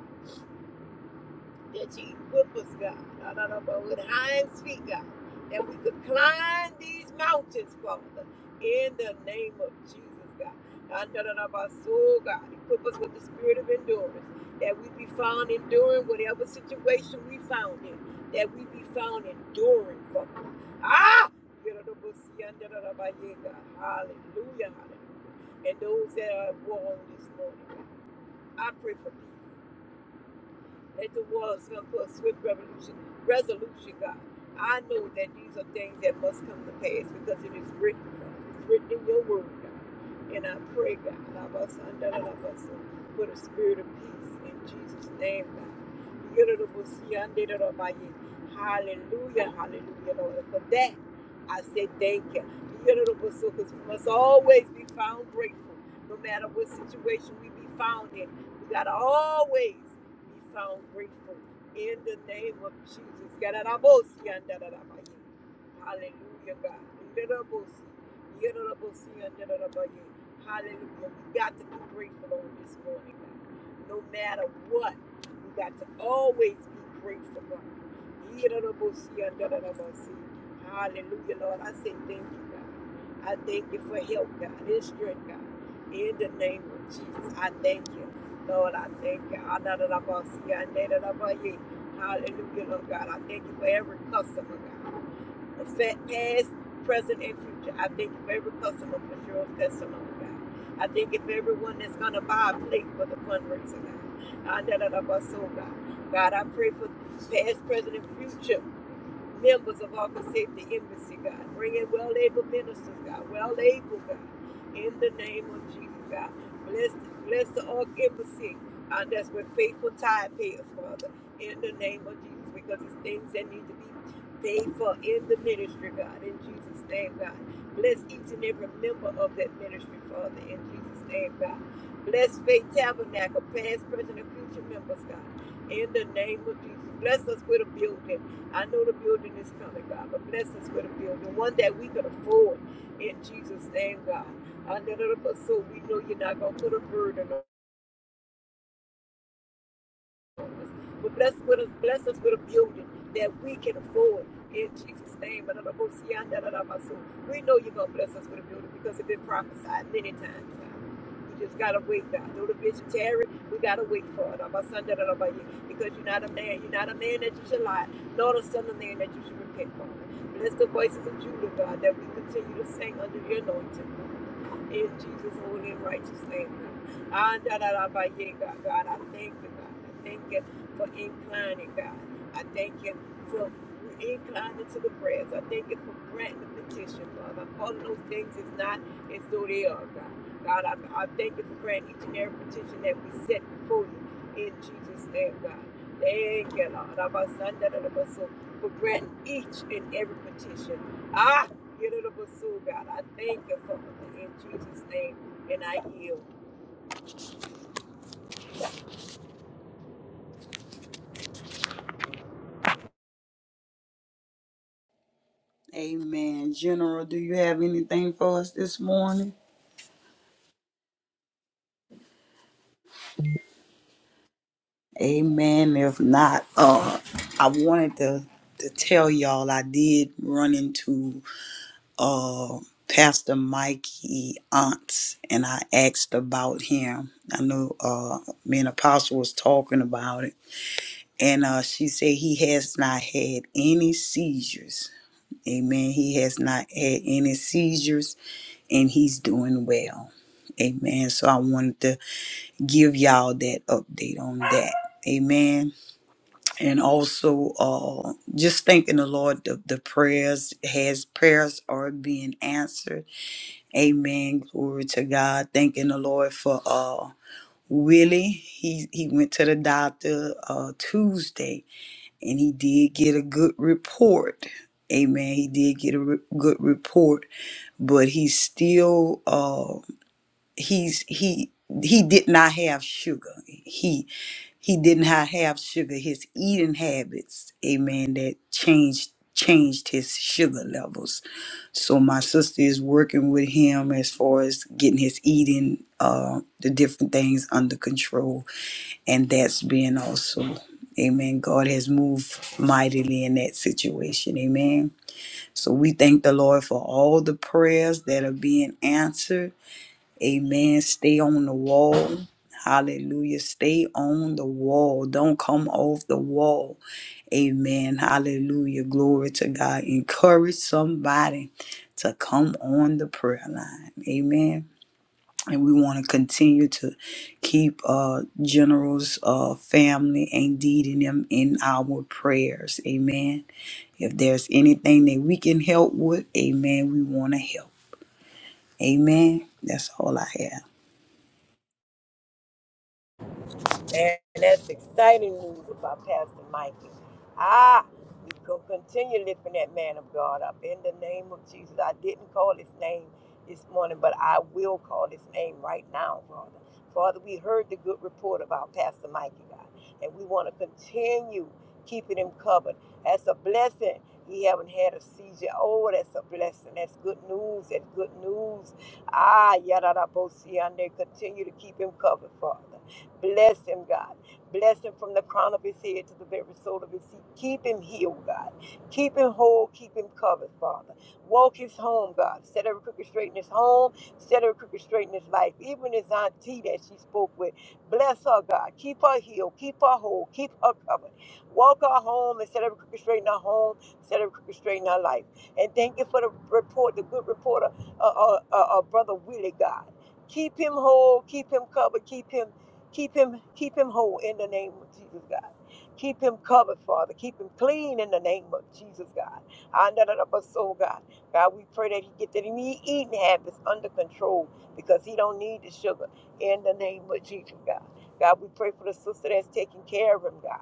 Speaker 3: that you whip us, God, I don't know, but with hinds feet, God, that we could climb these mountains, Father, in the name of Jesus, God. I don't know about soul, God, equip us with the spirit of endurance, that we be found enduring whatever situation we found in, that we be found enduring, Father. Ah! Hallelujah, hallelujah. And those that are at war on this morning, God, I pray for peace that the world is going to put a swift revolution, resolution, God. I know that these are things that must come to pass because it is written, God. It's written in your word, God. And I pray, God, love us under the love us for the spirit of peace in Jesus' name, God. Hallelujah, hallelujah, Lord. For that, I say thank you. Because we must always be found grateful, no matter what situation we be found in. We gotta always be found grateful in the name of Jesus. Yadadabosi, yandadadabaye. Hallelujah, God. Yadadabosi, yadadabosi, yandadadabaye. Hallelujah. We got to be grateful on this morning, God. No matter what, we got to always be grateful, God. Yadadabosi, yandadadabasi. Hallelujah, Lord. I say thank you, God. I thank you for help, God, and strength, God. In the name of Jesus, I thank you. Lord, I thank you. I know that I'm going to see you. I know that I'm going to hear you. Hallelujah, Lord God. I thank you for every customer, God. Affect past, present, and future. I thank you for every customer for sure of testimony, God. I thank you for everyone that's going to buy a plate for the fundraiser, God. I know that I'm going to so, God. God, I pray for past, present, and future members of our Safety Embassy, God. Bring in well able ministers, God. Well able, God. In the name of Jesus, God. Bless, bless the Ark Embassy. And that's with faithful tithe payers, Father. In the name of Jesus, because it's things that need to be paid for in the ministry, God. In Jesus' name, God. Bless each and every member of that ministry, Father. In Jesus' name, God. Bless Faith Tabernacle, past, present, and future members, God. In the name of Jesus. Bless us with a building. I know the building is coming, God, but bless us with a building, one that we could afford in Jesus' name, God. I know that, but So we know you're not going to put a burden on but bless, with us, bless us with a building that we can afford in Jesus' name. And I'm gonna see you on that, and i We know you're going to bless us with a building because it's been prophesied many times. God. We just got to wait, God. Though the vision tarry, we got to wait for it. I'm Because you're not a man. You're not a man that you should lie, nor the son of man that you should repent, Father. Bless the voices of Judah, God, that we continue to sing under your anointing. In Jesus' holy and righteous name, God. Ah, da, da, da, ba, yeah, God, I thank you, God. I thank you for inclining, God. I thank you for inclining to the prayers. I thank you for granting the petition, Father. I'm calling those things as not as though they are, God. God, I, I thank you for granting each and every petition that we set before you in Jesus' name, God. Thank you, Lord. Abba, Sanda, da, da, ba, so, For granting each and every petition. ah. Get it to pursue God. I thank you for it in Jesus' name, and I yield.
Speaker 2: Amen. General, do you have anything for us this morning? Amen. If not, uh, I wanted to to tell y'all I did run into uh Pastor Mikey Aunts, and I asked about him. I know uh me and Apostle was talking about it, and uh she said he has not had any seizures. Amen. He has not had any seizures, and he's doing well. Amen. So I wanted to give y'all that update on that. Amen and also uh, just thanking the Lord the, the prayers his prayers are being answered. Amen. Glory to God. Thanking the Lord for uh Willie. He he went to the doctor uh Tuesday and he did get a good report. Amen. He did get a re- good report, but he's still uh, he's he he did not have sugar. He he did not have sugar. His eating habits, amen, that changed changed his sugar levels. So my sister is working with him as far as getting his eating, uh, the different things under control, and that's being also, amen. God has moved mightily in that situation, amen. So we thank the Lord for all the prayers that are being answered Amen. Stay on the wall. Hallelujah. Stay on the wall. Don't come off the wall. Amen. Hallelujah. Glory to God. Encourage somebody to come on the prayer line. Amen. And we want to continue to keep uh generals uh family and leading them in our prayers. Amen. If there's anything that we can help with, amen, we want to help. Amen. That's all I have.
Speaker 3: And that's exciting news about Pastor Mikey. Ah, we go continue lifting that man of God up in the name of Jesus. I didn't call his name this morning, but I will call his name right now, Father. Father, we heard the good report about Pastor Mikey, God, and we want to continue keeping him covered. That's a blessing. He haven't had a seizure. Oh, that's a blessing. That's good news. That's good news. Ah, yada da bo si, and they Continue to keep him covered, Father. Bless him, God. Bless him from the crown of his head to the very sole of his feet. Keep him healed, God. Keep him whole. Keep him covered, Father. Walk his home, God. Set every crooked straight in his home. Set every crooked straight in his life. Even his auntie that she spoke with. Bless her, God. Keep her healed. Keep her whole. Keep her covered. Walk her home and set every crooked straight in her home. Set every crooked straight in her life. And thank you for the report, the good reporter, uh, uh, uh, uh, Brother Willie, God. Keep him whole. Keep him covered. Keep him Keep him, keep him whole in the name of Jesus, God. Keep him covered, Father. Keep him clean in the name of Jesus, God. I Andadadabaso, God. God, we pray that he get that he eating habits under control because he don't need the sugar in the name of Jesus, God. God, we pray for the sister that's taking care of him, God.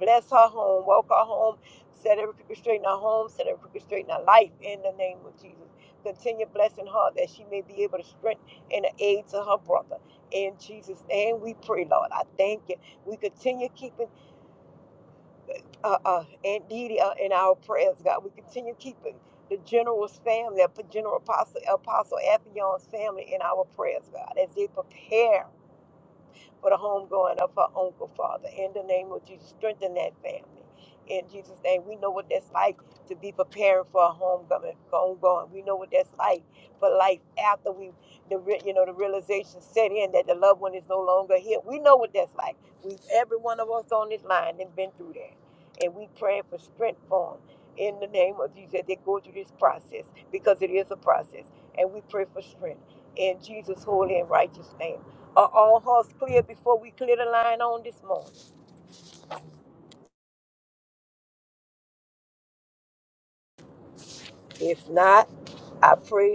Speaker 3: Bless her home, walk her home, set every crooked straight in her home, set every crooked straight in her life in the name of Jesus. Continue blessing her that she may be able to strengthen and aid to her brother in Jesus' name we pray, Lord. I thank you. We continue keeping uh, uh, Aunt Didi uh, in our prayers, God. We continue keeping the general's family, uh, General Apostle, Apostle Ethion's family in our prayers, God, as they prepare for the homegoing of her uncle, Father. In the name of Jesus, strengthen that family. In Jesus' name, we know what that's like to be preparing for a homecoming, for homegoing. We know what that's like for life after we, the re- you know, the realization set in that the loved one is no longer here. We know what that's like. We, every one of us on this line, has been through that, and we pray for strength for 'em in the name of Jesus. They go through this process because it is a process, and we pray for strength in Jesus' holy and righteous name. Are all hearts clear before we clear the line on this morning? If not, I pray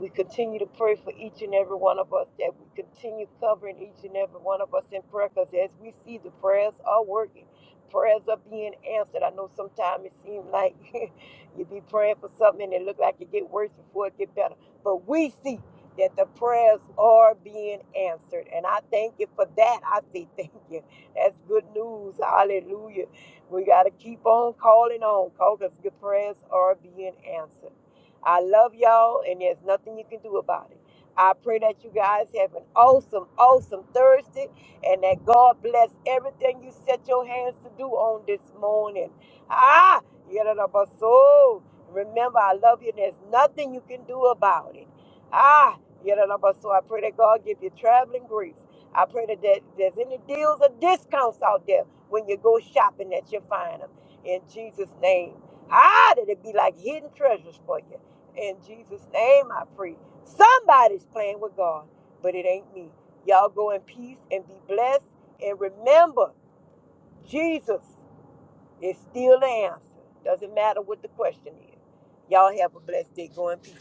Speaker 3: We continue to pray for each and every one of us, that we continue covering each and every one of us in prayer, because as we see the prayers are working, prayers are being answered. I know sometimes it seems like you be praying for something and it look like it get worse before it get better. But we see that the prayers are being answered. And I thank you for that. I say thank you. That's good news. Hallelujah. We got to keep on calling on because the prayers are being answered. I love y'all, and there's nothing you can do about it. I pray that you guys have an awesome, awesome Thursday, and that God bless everything you set your hands to do on this morning. Ah, get it up our soul. Remember, I love you, and there's nothing you can do about it. Ah, get it up our soul. I pray that God give you traveling grace. I pray that there- there's any deals or discounts out there when you go shopping that you find them. In Jesus' name. Ah, that it be like hidden treasures for you. In Jesus' name I pray. Somebody's playing with God, but it ain't me. Y'all go in peace and be blessed. And remember, Jesus is still the answer. Doesn't matter what the question is. Y'all have a blessed day. Go in peace.